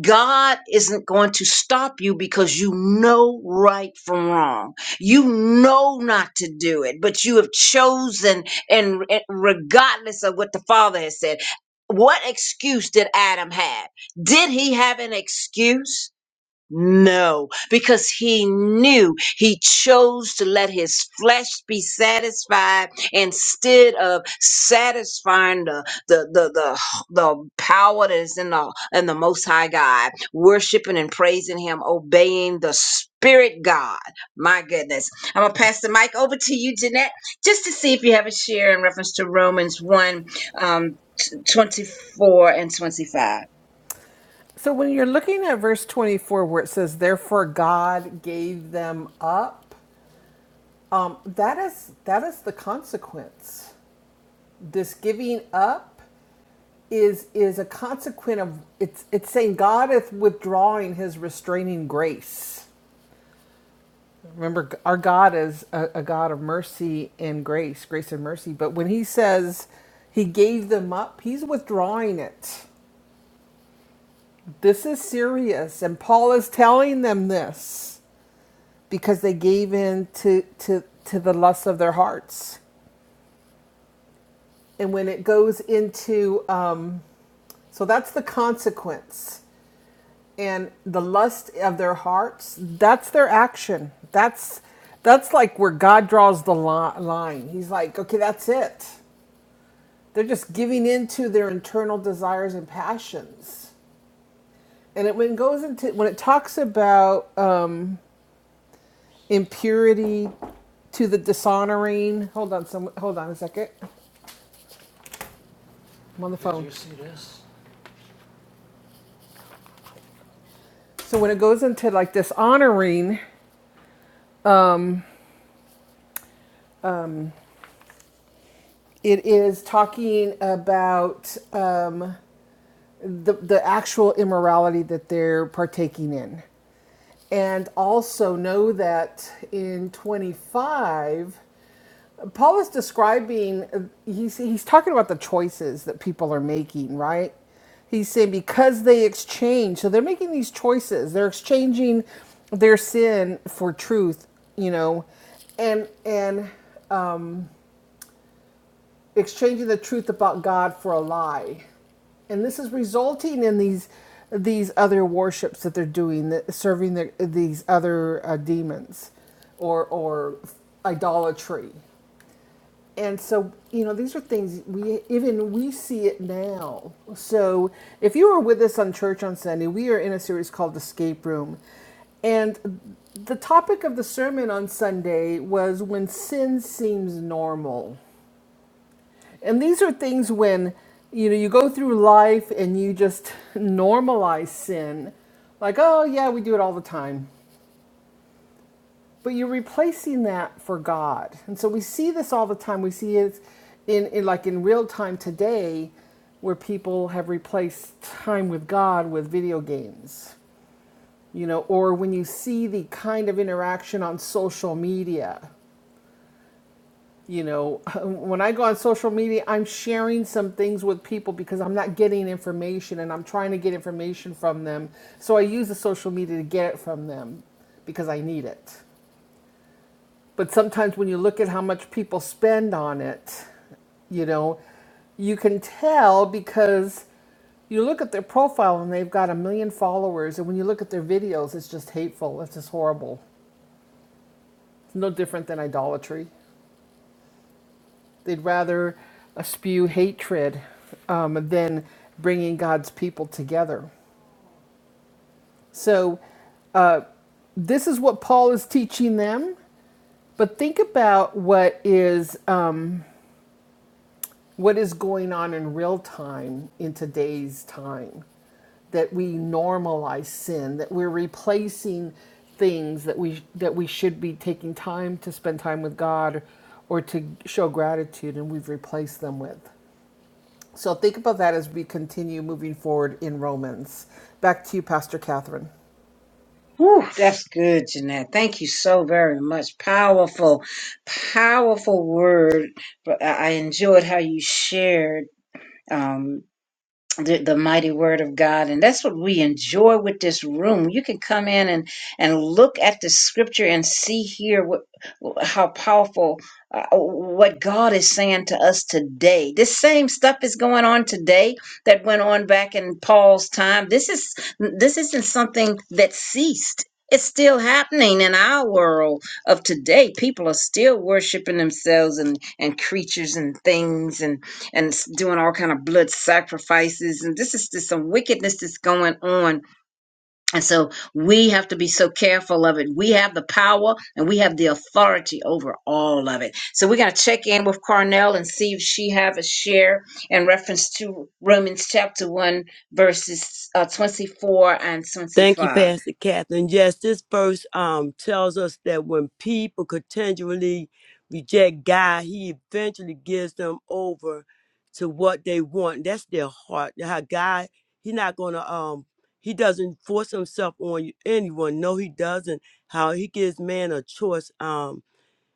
Speaker 1: God isn't going to stop you because you know right from wrong. You know not to do it, but you have chosen, and re- regardless of what the Father has said, what excuse did Adam have? Did he have an excuse? No, because he knew he chose to let his flesh be satisfied instead of satisfying the the the the, the power that is in the in the Most High God, worshiping and praising Him, obeying the Spirit God. My goodness, I'm gonna pass the mic over to you, Jeanette, just to see if you have a share in reference to Romans one um, t- 24 and twenty five.
Speaker 2: So when you're looking at verse 24 where it says therefore God gave them up, um, that is that is the consequence. This giving up is is a consequence of it's it's saying God is withdrawing his restraining grace. Remember our God is a, a God of mercy and grace, grace and mercy, but when he says he gave them up, he's withdrawing it. This is serious and Paul is telling them this because they gave in to to to the lust of their hearts and when it goes into um so that's the consequence and the lust of their hearts that's their action that's that's like where god draws the line he's like okay that's it they're just giving in to their internal desires and passions and it when it goes into when it talks about um impurity to the dishonoring hold on some hold on a second I'm on the phone. Did So when it goes into like dishonoring, it is talking about um, the the actual immorality that they're partaking in. And also know that in 25, Paul is describing, he's, he's talking about the choices that people are making, right? He's saying because they exchange, so they're making these choices. They're exchanging their sin for truth, you know, and and exchanging the truth about God for a lie. And this is resulting in these these other worships that they're doing, that serving the, these other uh, demons or or idolatry. And so, you know, these are things we even we see it now. So, if you were with us on church on Sunday, we are in a series called Escape Room. And the topic of the sermon on Sunday was when sin seems normal. And these are things when you know you go through life and you just normalize sin. Like, oh yeah, we do it all the time. But you're replacing that for God. And so we see this all the time. We see it in, in like in real time today where people have replaced time with God with video games. You know, or when you see the kind of interaction on social media you know, when I go on social media, I'm sharing some things with people because I'm not getting information and I'm trying to get information from them. So I use the social media to get it from them because I need it. But sometimes when you look at how much people spend on it, you know, you can tell because you look at their profile and they've got a million followers. And when you look at their videos, it's just hateful. It's just horrible. It's no different than idolatry. They'd rather uh, spew hatred um, than bringing God's people together. So, this is what Paul is teaching them. But think about what is um, what is going on in real time in today's time. That we normalize sin. That we're replacing things that we that we should be taking time to spend time with God or to show gratitude, and we've replaced them with. So think about that as we continue moving forward in Romans. Back to you, Pastor Catherine.
Speaker 1: Whew. the, the mighty word of God. And that's what we enjoy with this room. You can come in and, and look at the scripture and see here what, how powerful uh, what God is saying to us today. This same stuff is going on today that went on back in Paul's time. This is this isn't something that ceased. It's still happening in our world of today. People are still worshiping themselves and, and creatures and things and and doing all kind of blood sacrifices and this is just some wickedness that's going on and so we have to be so careful of it we have the power and we have the authority over all of it so we're going to check in with carnell and see if she have a share in reference to romans chapter 1 verses uh, 24 and
Speaker 4: Thank you,
Speaker 1: 25
Speaker 4: Pastor Catherine. Yes, this verse um tells us that when people continually reject God, He eventually gives them over to what they want. That's their heart. How God, He's not gonna um He doesn't force Himself on you- anyone. No, He doesn't. How He gives man a choice. Um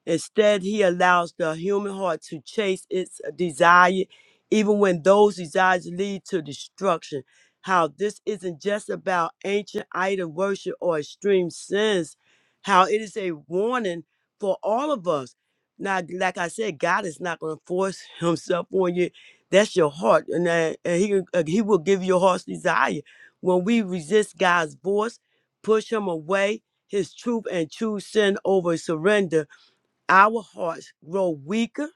Speaker 4: Instead, he allows the human heart to chase its desire, even when those desires lead to destruction. How this isn't just about ancient idol worship or extreme sins, how it is a warning for all of us. Now, like I said, God is not going to force Himself on you. That's your heart, and, that- and He uh, He will give you your heart's desire. When we resist God's voice, push Him away, His truth, and choose sin over surrender our hearts grow weaker,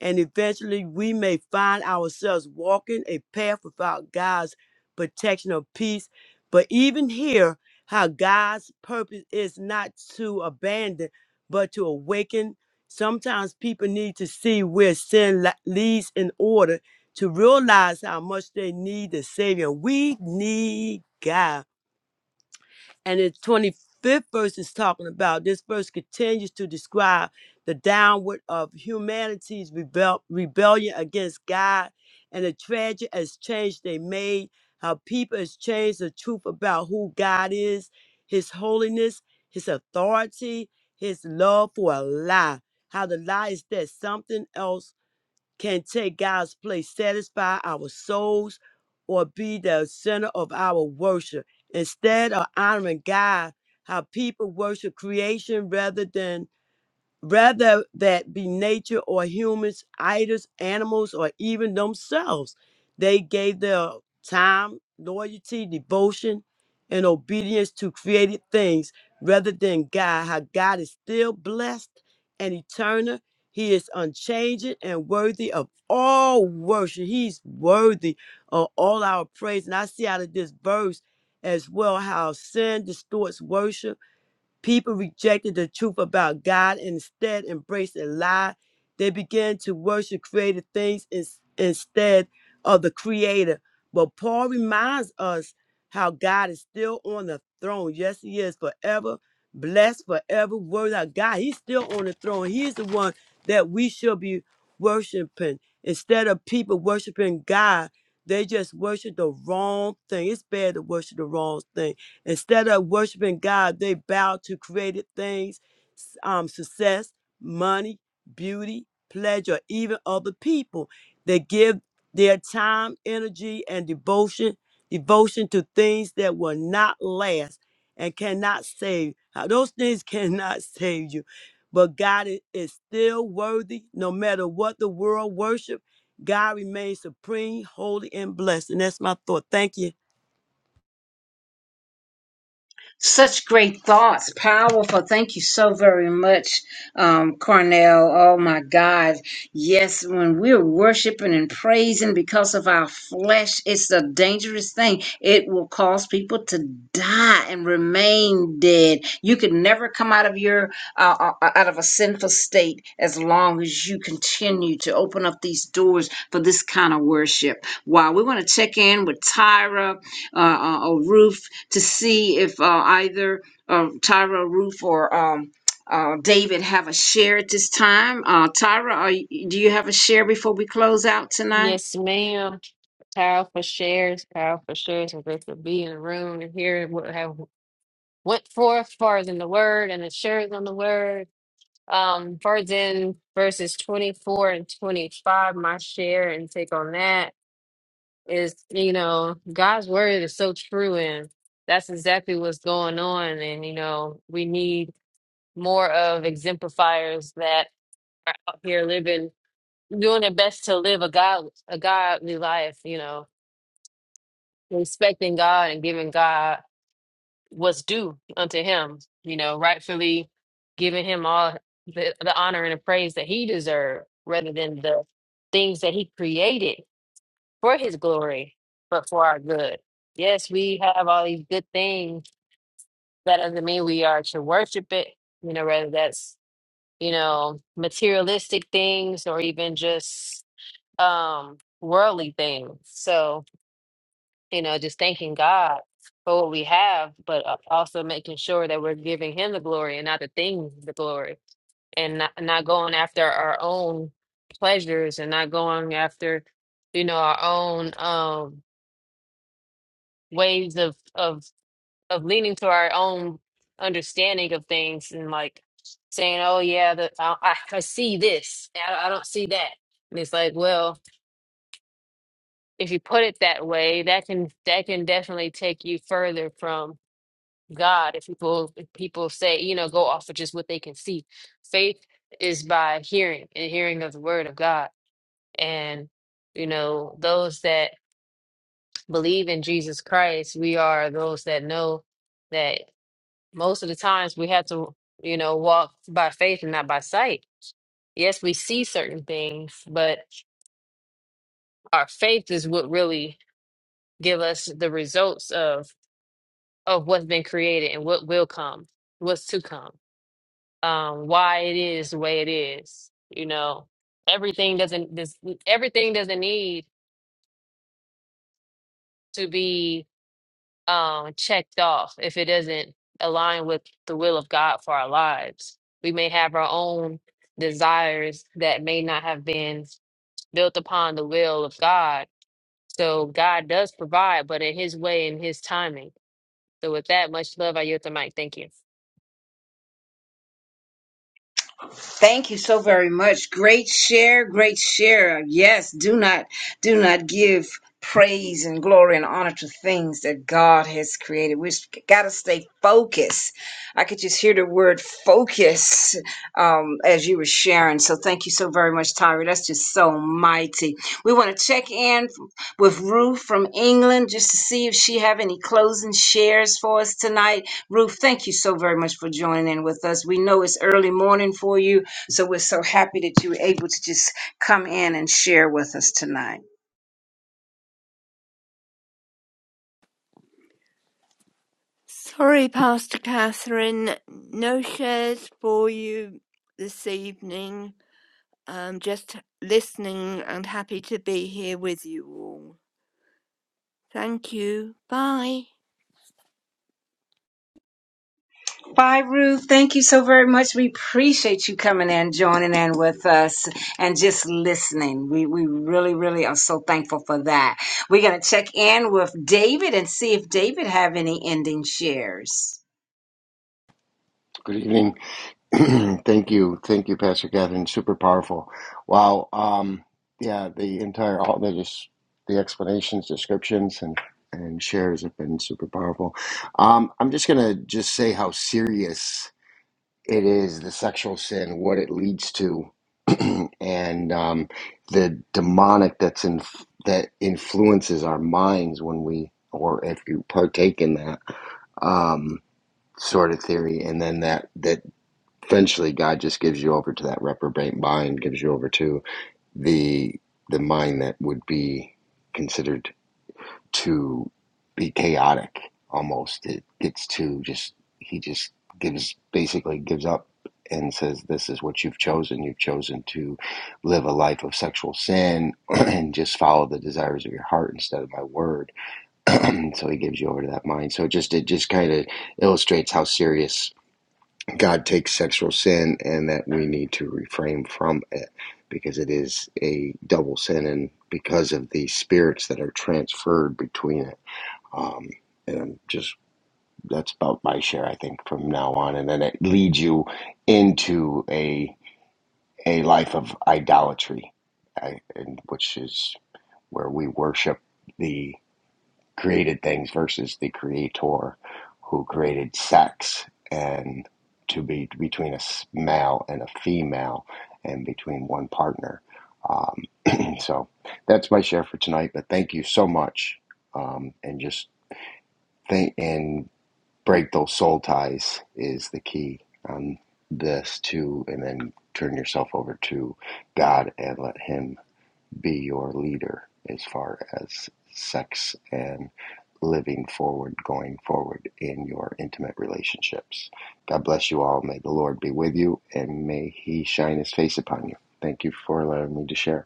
Speaker 4: and eventually we may find ourselves walking a path without God's protection or peace. But even here, how God's purpose is not to abandon, but to awaken. Sometimes people need to see where sin la- leads in order to realize how much they need the Savior. We need God. And the 25th verse is talking about this verse continues to describe the downward of humanity's rebel- rebellion against God and the tragic exchange they made, how people exchanged the truth about who God is, his holiness, his authority, his love for a lie. How the lie is that something else can take God's place, satisfy our souls, or be the center of our worship. Instead of honoring God, how people worship creation rather than whether that be nature or humans, idols, animals, or even themselves. They gave their time, loyalty, devotion, and obedience to created things rather than God. How God is still blessed and eternal. He is unchanging and worthy of all worship. He's worthy of all our praise. And I see out of this verse as well how sin distorts worship People rejected the truth about God and instead embraced a lie. They began to worship created things ins- instead of the Creator. But Paul reminds us how God is still on the throne. Yes, He is forever, blessed forever, worthy of God. He's still on the throne. He's the one that we should be worshiping. Instead of people worshiping God, they just worship the wrong thing. It's bad to worship the wrong thing Instead of worshiping God, they bow to created things, s- um, success, money, beauty, pleasure, even other people. They give their time, energy, and devotion, devotion to things that will not last and cannot save. How Those things cannot save you. But God i- is still worthy, no matter what the world worship. God remains supreme, holy, and blessed. And that's my thought. Thank you.
Speaker 1: Such great thoughts, powerful. Thank you so very much, um, Cornell. Oh my God. Yes, when we're worshiping and praising because of our flesh, it's a dangerous thing. It will cause people to die and remain dead. You can never come out of your uh, uh, uh, out of a sinful state as long as you continue to open up these doors for this kind of worship. Wow, we want to check in with Tyra uh, uh, or Ruth to see if uh, either uh, Tyra Ruth, or um, uh, David have a share at this time. Uh, Tyra, are you, do you have a share before we close out tonight?
Speaker 3: Yes, ma'am. Powerful shares, powerful shares. I'm grateful to be in the room and hear what have went forth as far as in the word and assurance on the word. Um, far as in verses 24 and 25, my share and take on that is, you know, God's word is so true and that's exactly what's going on. And, you know, we need more of exemplifiers that are out here living doing their best to live a God a godly life, you know, respecting God and giving God what's due unto him, you know, rightfully giving him all the, the honor and the praise that he deserved rather than the things that he created for his glory, but for our good. Yes, we have all these good things. That doesn't mean we are to worship it, you know, whether that's, you know, materialistic things or even just um worldly things. So, you know, just thanking God for what we have, but uh, also making sure that we're giving him the glory and not the things the glory and not, not going after our own pleasures and not going after, you know, our own um ways of of of leaning to our own understanding of things and like saying, "Oh yeah, the, I I I see this. I, I don't see that." And it's like, well, if you put it that way, that can that can definitely take you further from God. If people if people say, you know, go off of just what they can see. Faith is by hearing and hearing of the word of God. And you know, those that believe in Jesus Christ, we are those that know that most of the times we have to, you know, walk by faith and not by sight. Yes, we see certain things, but our faith is what really give us the results of of what's been created and what will come, what's to come, um, why it is the way it is. You know, everything doesn't this everything doesn't need to be um checked off if it doesn't align with the will of God for our lives. We may have our own desires that may not have been built upon the will of God. So God does provide, but in his way and his timing. So with that, much love, I yield the mic. Thank you.
Speaker 1: Thank God. glory and honor to things that God has created. We have got to stay focused. I could just hear the word focus um, as you were sharing. So thank you so very much, Tyra. That's just so mighty. We want to check in with Ruth from England just to see if she have any closing shares for us tonight. Ruth, thank you so very much for joining in with us. We know it's early morning for you, so we're so happy that you were able to just come in and share with us tonight.
Speaker 6: Sorry, Pastor Catherine, no shares for you this evening. Um, just listening and happy to be here with you all. Thank you. Bye.
Speaker 1: Bye, Ruth. Thank you so very much. We appreciate you coming and joining in with us and just listening. We we really, really are so thankful for that. We're gonna check in with David and see if David have any ending shares.
Speaker 7: Good evening. Thank you. Thank you, Pastor Catherine. Super powerful. Wow. Um, yeah, the entire, all the just the explanations, descriptions, and and shares have been super powerful. Um, I'm just gonna just say how serious it is the sexual sin, what it leads to, and um, the demonic that's in that influences our minds when we or if you partake in that um, sort of theory, and then that that Eventually, God just gives you over to that reprobate mind, gives you over to the the mind that would be considered to be chaotic almost. It gets to just he just gives basically gives up and says this is what you've chosen. You've chosen to live a life of sexual sin and just follow the desires of your heart instead of my word. so he gives you over to that mind. So it just it just kind of illustrates how serious God takes sexual sin and that we need to refrain from it because it is a double sin and because of the spirits that are transferred between it. Um, and I'm just that's about my share, I think, from now on. And then it leads you into a a life of idolatry, I, and which is where we worship the created things versus the creator who created sex and to be between a male and a female and between one partner. Um, so that's my share for tonight, but thank you so much. Um, and just think and break those soul ties is the key on this too. And then turn yourself over to God and let him be your leader as far as sex and living forward, going forward in your intimate relationships. God bless you all. May the Lord be with you and may He shine His face upon you. Thank you for allowing me to share.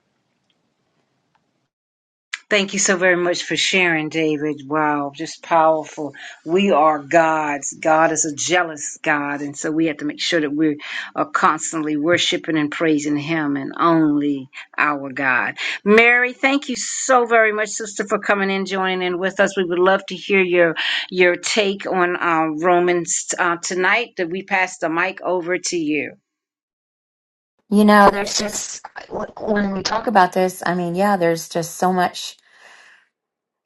Speaker 1: Thank you so very much for sharing, David. Wow, just powerful. We are gods. God is a jealous God. And so we have to make sure that we are constantly worshiping and praising Him and only our God. Mary, thank you so very much, sister, for coming in, joining in with us. We would love to hear your your take on uh, Romans uh, tonight. That we pass the mic over to you.
Speaker 8: You know, there's just, like, when we talk about this, I mean, yeah, there's just so much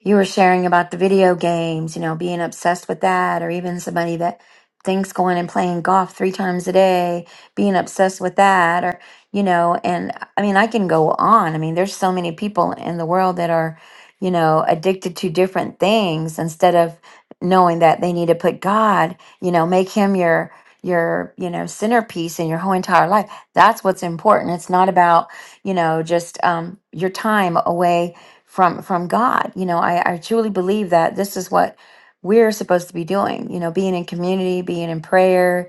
Speaker 8: you were sharing about the video games, you know, being obsessed with that, or even somebody that thinks going and playing golf three times a day, being obsessed with that, or, you know, and I mean, I can go on. I mean, there's so many people in the world that are, you know, addicted to different things instead of knowing that they need to put God, you know, make him your your you know centerpiece in your whole entire life that's what's important it's not about you know just um your time away from from God. You know, I, I truly believe that this is what we're supposed to be doing, you know, being in community, being in prayer,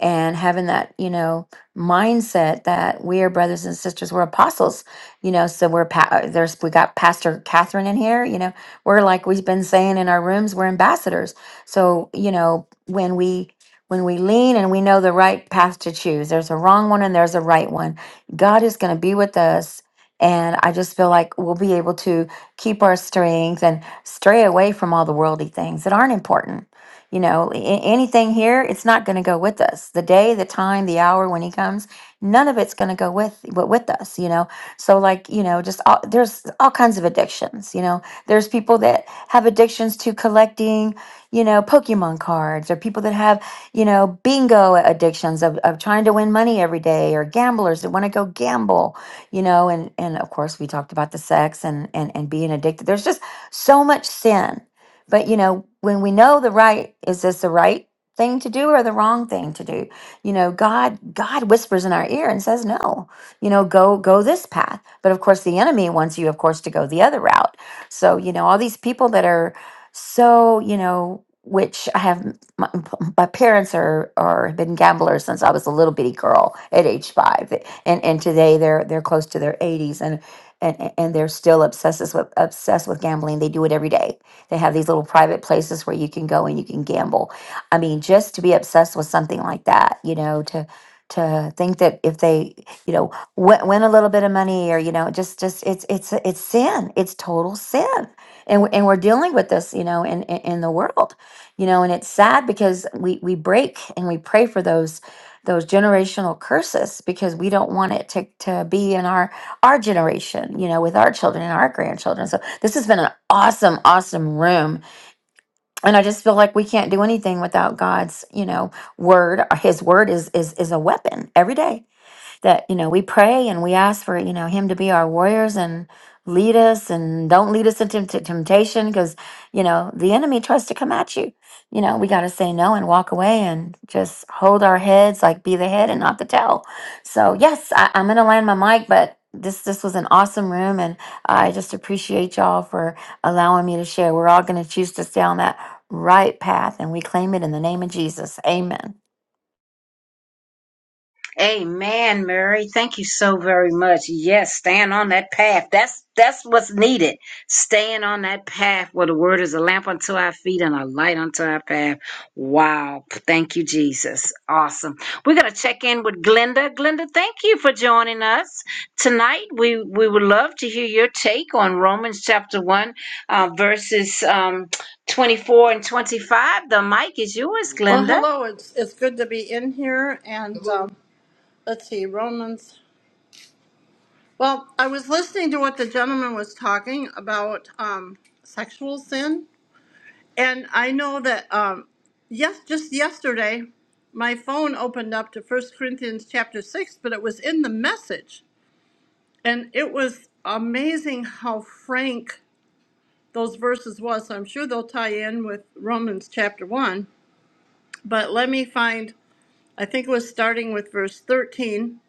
Speaker 8: and having that, you know, mindset that we are brothers and sisters, we're apostles, you know, so we're, pa- uh, there's, we got Pastor Catherine in here, you know, we're like we've been saying in our rooms, we're ambassadors. So, you know, when we, when we lean and we know the right path to choose, there's a wrong one and there's a right one. God is going to be with us and I just feel like we'll be able to keep our strength and stray away from all the worldly things that aren't important. You know, a- anything here, it's not going to go with us. The day, the time, the hour when he comes, none of it's going to go with wi- with us. You know, so like you know, just all, there's all kinds of addictions. You know, there's people that have addictions to collecting, you know, Pokemon cards, or people that have you know bingo addictions of of trying to win money every day, or gamblers that want to go gamble you know and and of course we talked about the sex and and and being addicted there's just so much sin but you know when we know the right is this the right thing to do or the wrong thing to do you know god god whispers in our ear and says no you know go go this path but of course the enemy wants you of course to go the other route so you know all these people that are so you know which i have my, my parents are are have been gamblers since i was a little bitty girl at age five and and today they're they're close to their 80s and and and they're still obsessed with obsessed with gambling they do it every day they have these little private places where you can go and you can gamble i mean just to be obsessed with something like that you know to to think that if they you know win, win a little bit of money or you know just just it's it's it's sin it's total sin and we're, and we're dealing with this you know in, in in the world you know and it's sad because we we break and we pray for those those generational curses because we don't want it to, to be in our our generation you know with our children and our grandchildren so this has been an awesome awesome room and i just feel like we can't do anything without god's you know word his word is is is a weapon every day that you know we pray and we ask for you know him to be our warriors and lead us and don't lead us into tempt- temptation because you know the enemy tries to come at you you know we got to say no and walk away and just hold our heads like be the head and not the tail so yes I, i'm gonna land my mic but this this was an awesome room and i just appreciate y'all for allowing me to share we're all gonna choose to stay on that right path and we claim it in the name of jesus amen
Speaker 1: Amen, Mary. Thank you so very much. Yes, stand on that path. That's that's what's needed. Staying on that path where the word is a lamp unto our feet and a light unto our path. Wow. Thank you, Jesus. Awesome. We're gonna check in with Glenda. Glenda, thank you for joining us tonight. We we would love to hear your take on Romans chapter one, uh, verses um, twenty four and twenty five. The mic is yours,
Speaker 9: Well,
Speaker 1: Glenda.
Speaker 9: hello. It's it's good to be in here. And um, let's see, Romans. Well, I was listening to what the gentleman was talking about um, sexual sin, and I know that um, yes, just yesterday, my phone opened up to First Corinthians chapter six, but it was in the message, and it was amazing how frank those verses was. So I'm sure they'll tie in with Romans chapter one. But let me find. I think it was starting with verse 13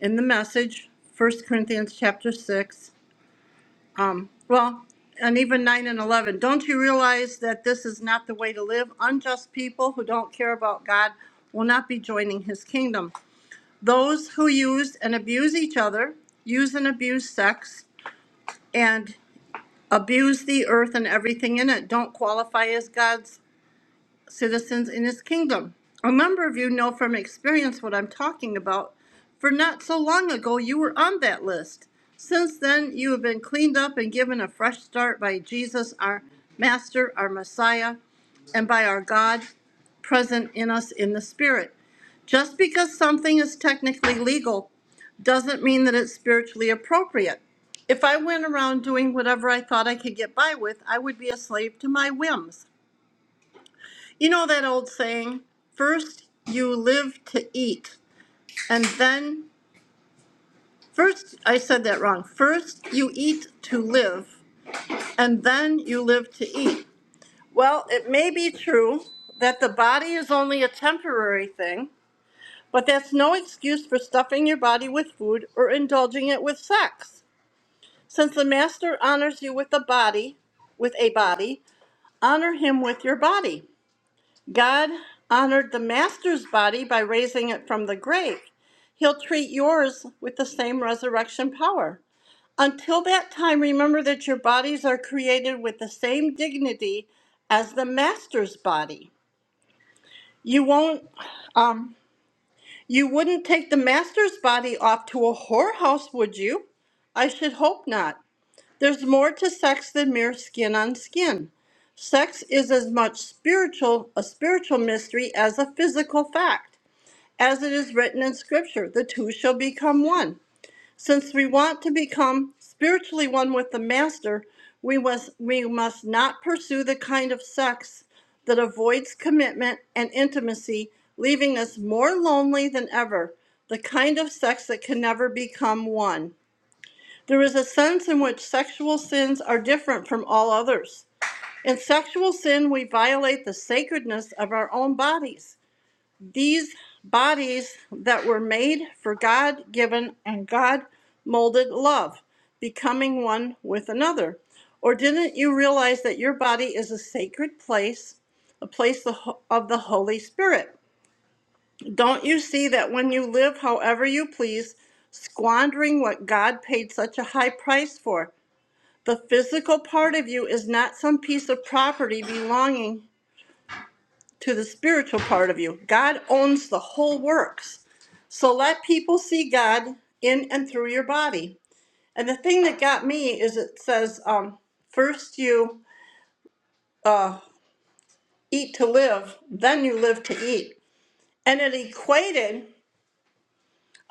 Speaker 9: in the message, First Corinthians chapter 6. Um, well, and even 9 and 11. Don't you realize that this is not the way to live? Unjust people who don't care about God will not be joining his kingdom. Those who use and abuse each other, use and abuse sex, and abuse the earth and everything in it don't qualify as God's citizens in his kingdom. A number of you know from experience what I'm talking about, for not so long ago you were on that list. Since then, you have been cleaned up and given a fresh start by Jesus, our Master, our Messiah, and by our God present in us in the Spirit. Just because something is technically legal doesn't mean that it's spiritually appropriate. If I went around doing whatever I thought I could get by with, I would be a slave to my whims. You know that old saying, first you live to eat, and then, first, I said that wrong. First you eat to live, and then you live to eat. Well, it may be true that the body is only a temporary thing, but that's no excuse for stuffing your body with food or indulging it with sex. Since the Master honors you with a body, with a body, honor him with your body. God honored the master's body by raising it from the grave. He'll treat yours with the same resurrection power. Until that time, remember that your bodies are created with the same dignity as the master's body. You won't, um, you wouldn't take the master's body off to a whorehouse, would you? I should hope not. There's more to sex than mere skin on skin. Sex is as much spiritual a spiritual mystery as a physical fact. As it is written in scripture, the two shall become one. Since we want to become spiritually one with the master, we must we must not pursue the kind of sex that avoids commitment and intimacy, leaving us more lonely than ever. The kind of sex that can never become one. There is a sense in which sexual sins are different from all others. In sexual sin, we violate the sacredness of our own bodies. These bodies that were made for God given and God molded love, becoming one with another. Or didn't you realize that your body is a sacred place, a place the ho- of the Holy Spirit? Don't you see that when you live however you please, squandering what God paid such a high price for? The physical part of you is not some piece of property belonging to the spiritual part of you. God owns the whole works. So let people see God in and through your body. And the thing that got me is it says, um, first you uh, eat to live, then you live to eat. And it equated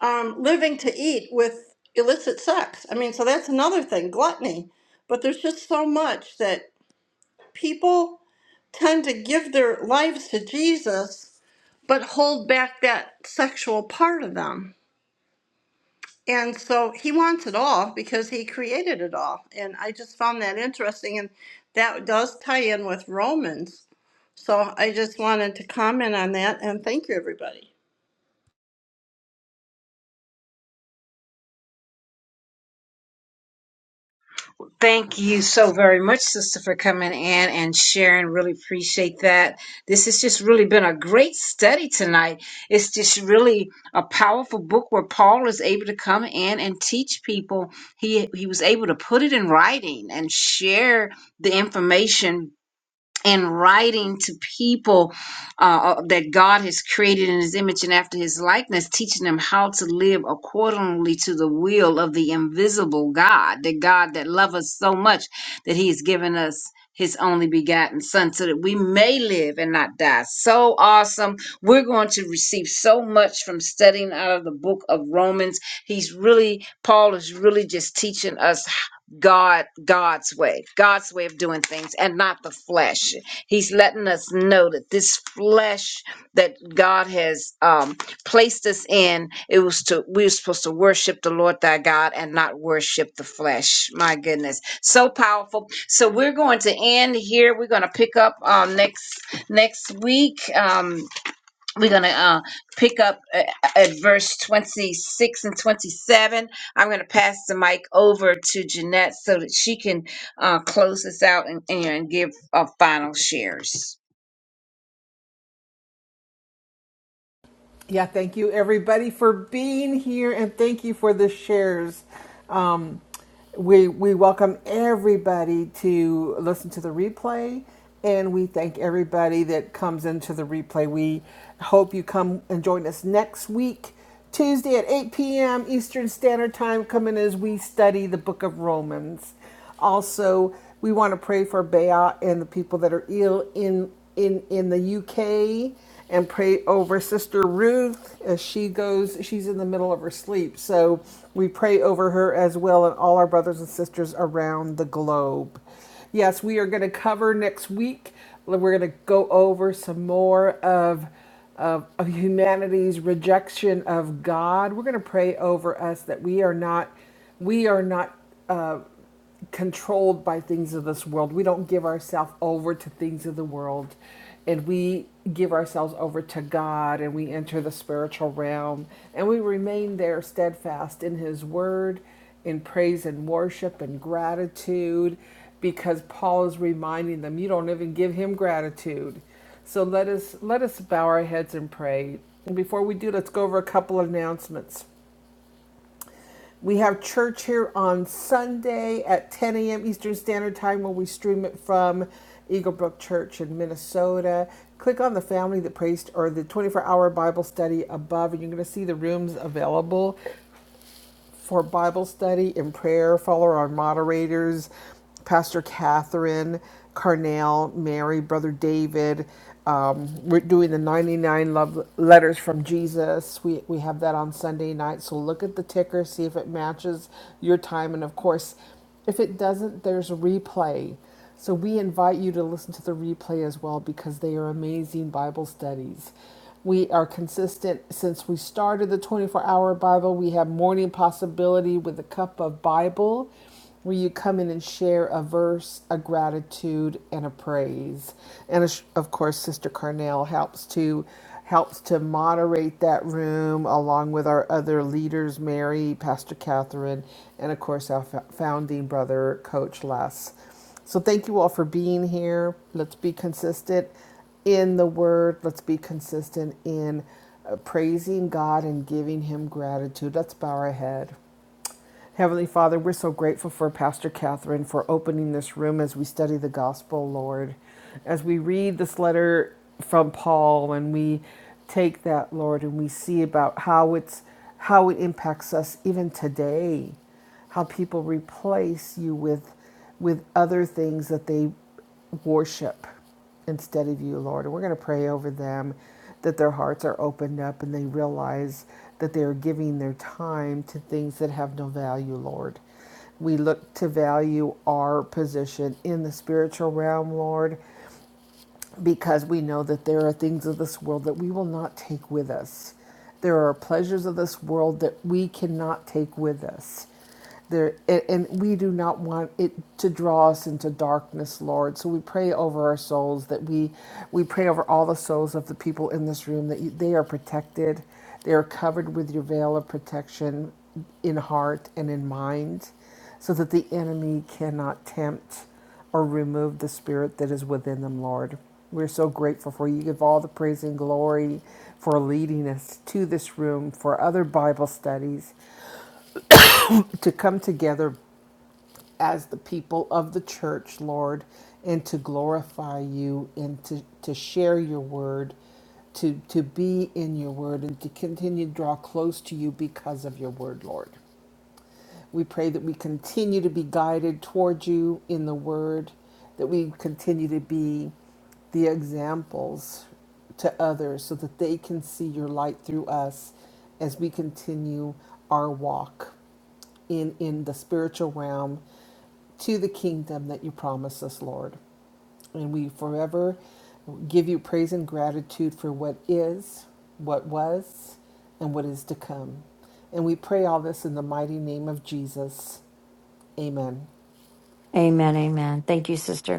Speaker 9: um, living to eat with illicit sex. I mean, so that's another thing, gluttony. But there's just so much that people tend to give their lives to Jesus, but hold back that sexual part of them. And so he wants it all because he created it all. And I just found that interesting. And that does tie in with Romans. So I just wanted to comment on that and thank you, everybody.
Speaker 1: Thank you so very much, sister, for coming in and sharing. Really appreciate that. This has just really been a great study tonight. It's just really a powerful book where Paul is able to come in and teach people. He he was able to put it in writing and share the information and writing to people uh, uh, that God has created in his image and after his likeness, teaching them how to live accordingly to the will of the invisible God, the God that loves us so much that he has given us his only begotten son so that we may live and not die. So awesome. We're going to receive so much from studying out of the book of Romans. He's really, Paul is really just teaching us God, God's way, God's way of doing things and not the flesh. He's letting us know that this flesh that God has um, placed us in, it was to, we were supposed to worship the Lord thy God and not worship the flesh. My goodness. So powerful. So we're going to end here. We're going to pick up um, next, next week. Um, we're going to uh, pick up at, at verse 26 and 27. I'm going to pass the mic over to Jeanette so that she can uh, close this out and, and give uh, final shares.
Speaker 2: Yeah, thank you everybody for being here and thank you for the shares. Um, we, we welcome everybody to listen to the replay and we thank everybody that comes into the replay. We hope you come and join us next week. Tuesday at 8 p.m. Eastern Standard Time, Come in as we study the book of Romans. Also, we want to pray for Bea and the people that are ill in in in the UK and pray over Sister Ruth as she goes she's in the middle of her sleep. So, we pray over her as well and all our brothers and sisters around the globe. Yes, we are going to cover next week. We're going to go over some more of of, of humanity's rejection of God. We're going to pray over us that we are not we are not uh, controlled by things of this world. We don't give ourselves over to things of the world. And we give ourselves over to God and we enter the spiritual realm and we remain there steadfast in His Word, in praise and worship and gratitude, because Paul is reminding them, you don't even give Him gratitude. So let us let us bow our heads and pray. And before we do, let's go over a couple of announcements. We have church here on Sunday at 10 a.m. Eastern Standard Time where we stream it from Eaglebrook Church in Minnesota. Click on the family that prays or the 24 hour Bible study above, and you're going to see the rooms available for Bible study and prayer. Follow our moderators, Pastor Catherine, Carnell, Mary, Brother David. Um, we're doing the 99 love letters from Jesus. We, we have that on Sunday night. So look at the ticker, see if it matches your time. And of course, if it doesn't, there's a replay. So we invite you to listen to the replay as well because they are amazing Bible studies. We are consistent since we started the 24 hour Bible. We have morning possibility with a cup of Bible where you come in and share a verse, a gratitude, and a praise. And of course, Sister Carnell helps to helps to moderate that room along with our other leaders, Mary, Pastor Catherine, and of course our founding brother, Coach Les. So thank you all for being here. Let's be consistent in the word. Let's be consistent in uh, praising God and giving Him gratitude. Let's bow our head. Heavenly Father, we're so grateful for Pastor Catherine for opening this room as we study the gospel, Lord. As we read this letter from Paul and we take that, Lord, and we see about how it's how it impacts us even today, how people replace you with with other things that they worship instead of you, Lord. And we're going to pray over them that their hearts are opened up and they realize that they are giving their time to things that have no value, Lord. We look to value our position in the spiritual realm, Lord, because we know that there are things of this world that we will not take with us. There are pleasures of this world that we cannot take with us. There, a- and we do not want it to draw us into darkness, Lord. So we pray over our souls that we, we pray over all the souls of the people in this room that you, they are protected, they are covered with your veil of protection in heart and in mind, so that the enemy cannot tempt or remove the spirit that is within them, Lord. We're so grateful for you. Give all the praise and glory for leading us to this room, for other Bible studies, to come together as the people of the church, Lord, and to glorify you and to, to share your word, to, to be in your word, and to continue to draw close to you because of your word, Lord. We pray that we continue to be guided toward you in the word, that we continue to be the examples to others so that they can see your light through us as we continue our walk in in the spiritual realm to the kingdom that you promised us, Lord. And we forever give you praise and gratitude for what is, what was, and what is to come. And we pray all this in the mighty name of Jesus. Amen.
Speaker 8: amen amen thank you sister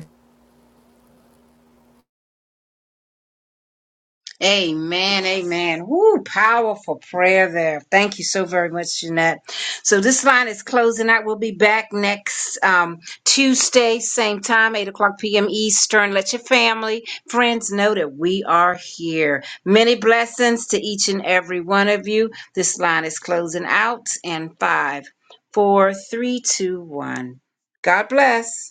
Speaker 1: Amen, amen. Woo, powerful prayer there. Thank you so very much, Jeanette. So this line is closing out. We'll be back next um, Tuesday, same time, 8 o'clock p.m. Eastern. Let your family, friends know that we are here. Many blessings to each and every one of you. This line is closing out in five, four, three, two, one. God bless.